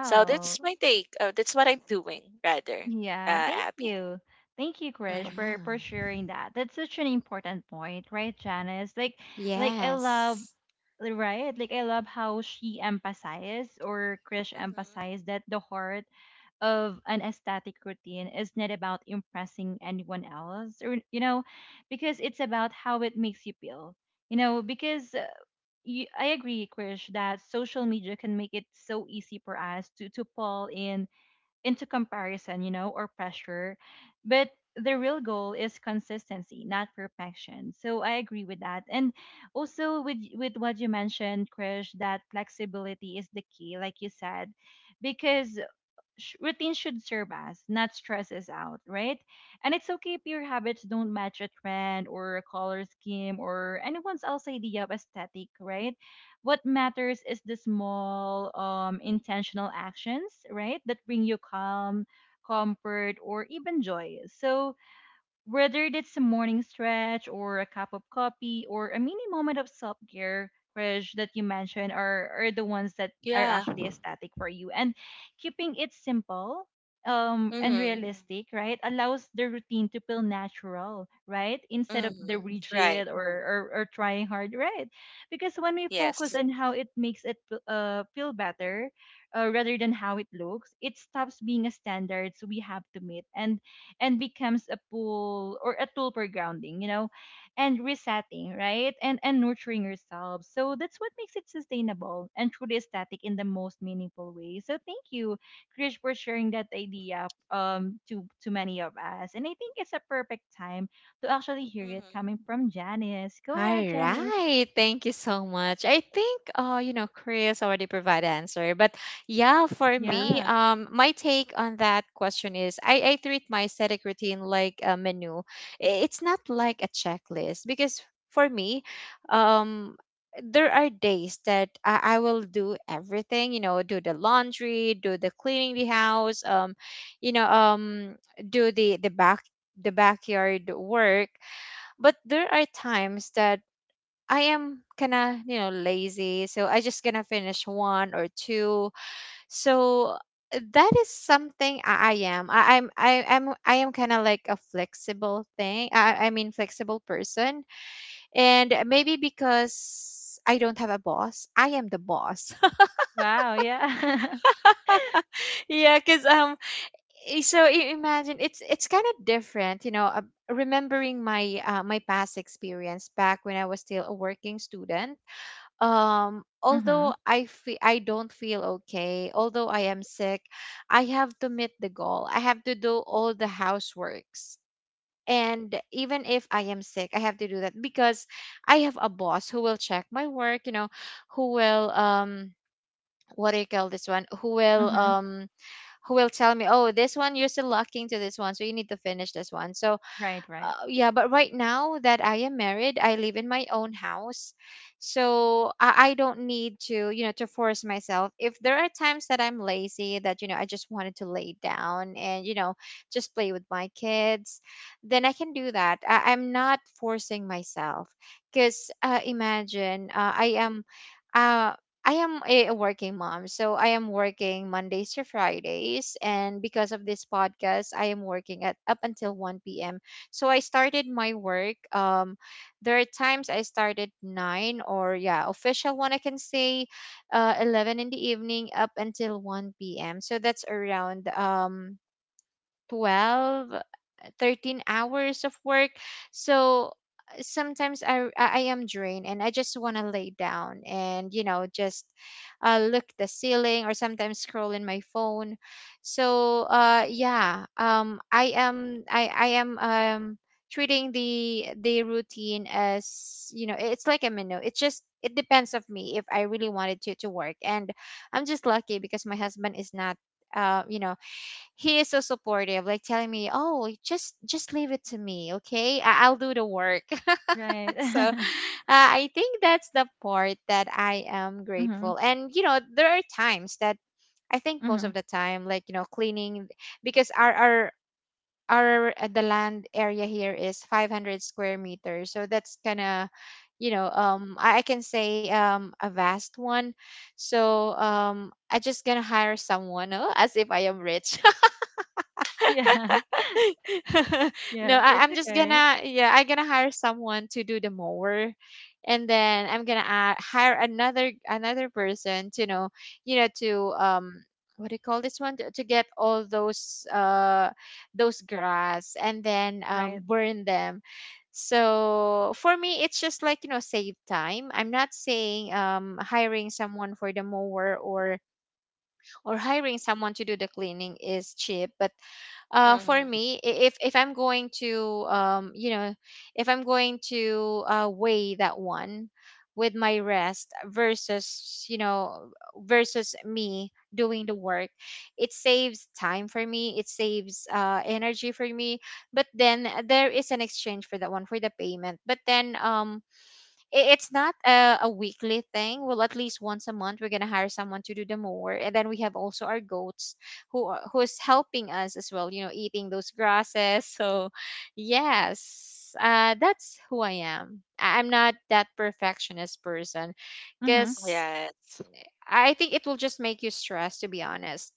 Speaker 2: So that's my take. That's what I'm doing, rather,
Speaker 1: Yeah. Thank
Speaker 2: Abby.
Speaker 1: you. Thank you, Krish,
Speaker 2: Mm-hmm.
Speaker 1: for
Speaker 3: right.
Speaker 1: sharing that. That's such an important point, right, Janice? Like I love,
Speaker 3: Yes.
Speaker 1: right? Like I love how she emphasized or Krish
Speaker 2: Mm-hmm.
Speaker 1: emphasized that the heart of an aesthetic routine is not about impressing anyone else, or you know, because it's about how it makes you feel. You know, because I agree, Krish, that social media can make it so easy for us to fall in into comparison, you know, or pressure. But the real goal is consistency, not perfection, so I agree with that. And also with what you mentioned, Krish, that flexibility is the key, like you said. Because routine should serve us, not stress us out, right? And it's okay if your habits don't match a trend or a color scheme or anyone else's idea of aesthetic, right? What matters is the small, intentional actions, right, that bring you calm, comfort, or even joy. So whether it's a morning stretch or a cup of coffee or a mini moment of self care, Krish, that you mentioned are the ones that are
Speaker 2: Yeah.
Speaker 1: actually aesthetic for you. And keeping it simple, and mm-hmm,
Speaker 2: Mm-hmm.
Speaker 1: realistic, right, allows the routine to feel natural, right, instead of
Speaker 2: Mm-hmm.
Speaker 1: the
Speaker 2: Right.
Speaker 1: rigid, or trying hard, right? Because when we focus
Speaker 2: Yes.
Speaker 1: on how it makes feel better rather than how it looks, it stops being a standard so we have to meet. And becomes a pool or a tool for grounding, you know, and resetting, right? And nurturing yourself. So that's what makes it sustainable and truly aesthetic in the most meaningful way. So thank you, Krish, for sharing that idea to many of us. And I think it's a perfect time to actually hear it
Speaker 2: Mm-hmm.
Speaker 1: coming from Janice. Go ahead,
Speaker 3: All
Speaker 1: Janice.
Speaker 3: right, thank you so much. I think you know, Chris already provided answer, but yeah, for me,
Speaker 1: Yeah.
Speaker 3: my take on that question is I treat my aesthetic routine like a menu. I- It's not like a checklist because for me, um there are days that I will do everything, you know, do the laundry, do the cleaning the house, you know, do the backyard work. But there are times that I am kind of, you know, lazy. So I just gonna finish one or two. So that is something I am. I, I'm I, I'm I am kind of like a flexible thing. I mean flexible person. And maybe because I don't have a boss, I am the boss.
Speaker 1: Wow, yeah.
Speaker 3: Yeah, because i- so i- imagine it's kind of different, you know, remembering my past experience back when I was still a working student.
Speaker 1: mhm.
Speaker 3: Although I don't feel okay, although I am sick, I have to meet the goal. I have to do all the houseworks, and even if I am sick, I have to do that because I have a boss who will check my work, you know, who will what do you call this one,
Speaker 1: Mhm.
Speaker 3: who will tell me, oh, this one you're still lacking to this one, so you need to finish this one. So
Speaker 1: Right, right.
Speaker 3: yeah, but right now that I am married, I live in my own house, so I don't need to, you know, to force myself. If there are times that I'm lazy, that, you know, I just wanted to lay down and, you know, just play with my kids, then I can do that. I'm not forcing myself. Because imagine, uh, I am a working mom, so I am working Mondays to Fridays, and because of this podcast, I am working at up until 1 p.m. So I started my work. There are times I started nine, or yeah, official one I can say, 11 in the evening up until one p.m. So that's around 12 13 hours of work. So sometimes I am drained and I just want to lay down and, you know, just look at the ceiling or sometimes scroll in my phone. So yeah, I am treating the routine as, you know, it's like a menu. It's just it depends of me if I really wanted to work. And I'm just lucky because my husband is not you know, he is so supportive, like telling me, oh, just leave it to me, okay, I'll do the work.
Speaker 1: Right.
Speaker 3: So I think that's the part that I am
Speaker 1: mhm.
Speaker 3: grateful. And you know, there are times that I think most
Speaker 1: Mhm.
Speaker 3: of the time, like, you know, cleaning, because our the land area here is 500 square meters, so that's kind of, you know, I can say a vast one. So I just gonna hire someone. Oh, as if I am rich.
Speaker 1: Yeah.
Speaker 3: No,
Speaker 1: Yeah, it's
Speaker 3: I'm just
Speaker 1: okay.
Speaker 3: gonna, yeah, I'm gonna hire someone to do the mower, and then I'm gonna hire another person to know, you know, to um what do you call this one, to get all those grass and then
Speaker 1: Right.
Speaker 3: burn them. So for me, it's just like, you know, save time. I'm not saying hiring someone for the mower or hiring someone to do the cleaning is cheap, but for
Speaker 2: Mm-hmm.
Speaker 3: me, if I'm going to, you know, if I'm going to weigh that one with my rest versus, you know, versus me doing the work, it saves time for me. It saves energy for me. But then there is an exchange for that one for the payment. But then it's not a weekly thing. Well, at least once a month, we're gonna hire someone to do the mower, and then we have also our goats who's helping us as well, you know, eating those grasses. So yes, that's who I am. I'm not that perfectionist person,
Speaker 1: Mm-hmm.
Speaker 3: because
Speaker 2: Yes.
Speaker 3: I think it will just make you stressed. To be honest,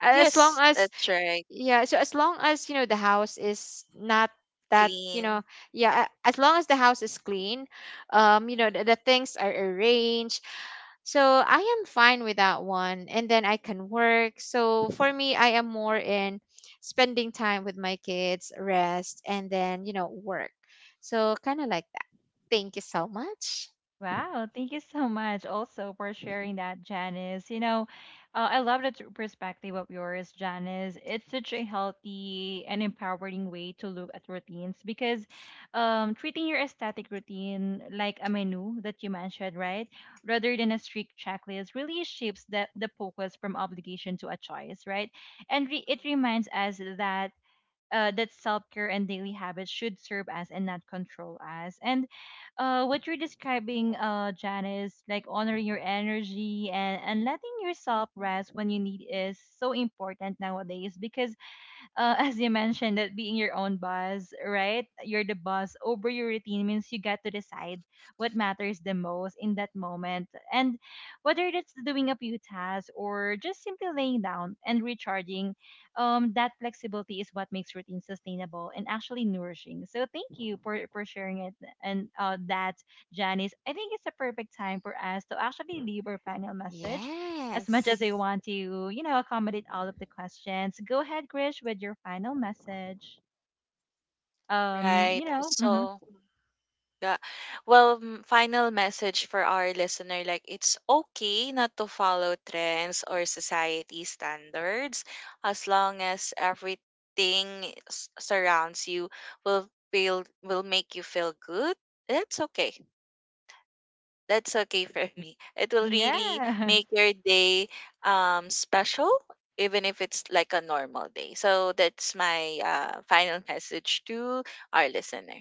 Speaker 3: as long
Speaker 2: Yes,
Speaker 3: as,
Speaker 2: that's right.
Speaker 3: yeah, so as long as, you know, the house is not that, you know,
Speaker 2: Clean.
Speaker 3: yeah, as long as the house is clean, you know, the things are arranged. So I am fine with that one and then I can work. So for me, I am more in spending time with my kids, rest, and then, you know, work. So kind of like that. Thank you so much.
Speaker 1: Wow. Thank you so much also for
Speaker 2: Mm-hmm.
Speaker 1: sharing that, Janice. You know, I love that perspective of yours, Janice. It's such a healthy and empowering way to look at routines, because treating your aesthetic routine like a menu that you mentioned, right, rather than a strict checklist really shifts the focus from obligation to a choice, right? And it reminds
Speaker 2: Mm-hmm.
Speaker 1: us that that self-care and daily habits should serve as and not control us. And what you're describing, Janice, like honoring your energy and letting yourself rest when you need is so important nowadays, because as you mentioned, that being your own boss, right? You're the boss over your routine means you got to decide what matters the most in that moment. And whether that's doing a few tasks or just simply laying down and recharging, that flexibility is what makes routine sustainable and actually nourishing. So thank you for sharing it and that, Janice. I think it's a perfect time for us to actually leave our final message, as much as I
Speaker 3: Yes.
Speaker 1: want to, you know, accommodate all of the questions. Go ahead, Grish, with your final message.
Speaker 2: Right.
Speaker 1: You know, mhm.
Speaker 2: So. Yeah. Well, final message for our listener, like it's okay not to follow trends or society standards as long as everything surrounds you will feel will make you feel good. That's okay. That's okay for me. It will really
Speaker 1: Yeah.
Speaker 2: make your day special even if it's like a normal day. So that's my final message to our listener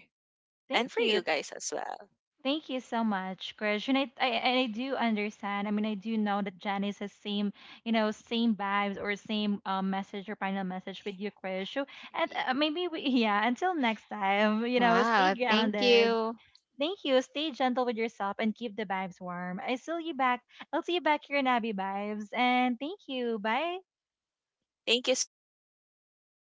Speaker 2: and
Speaker 1: Thank
Speaker 2: for
Speaker 1: you.
Speaker 2: you guys as well.
Speaker 1: Thank you so much, Grish. And I do understand. I mean, I do know that Janice has same, you know, same vibes or same message or final message with you, Grish. So, and maybe we, yeah, until next time, you know, stay
Speaker 3: Wow, thank
Speaker 1: grounded.
Speaker 3: you.
Speaker 1: Thank you. Stay gentle with yourself and keep the vibes warm. I see you back. I'll see you back here in Abby Vibes. And thank you. Bye.
Speaker 2: Thank you so much.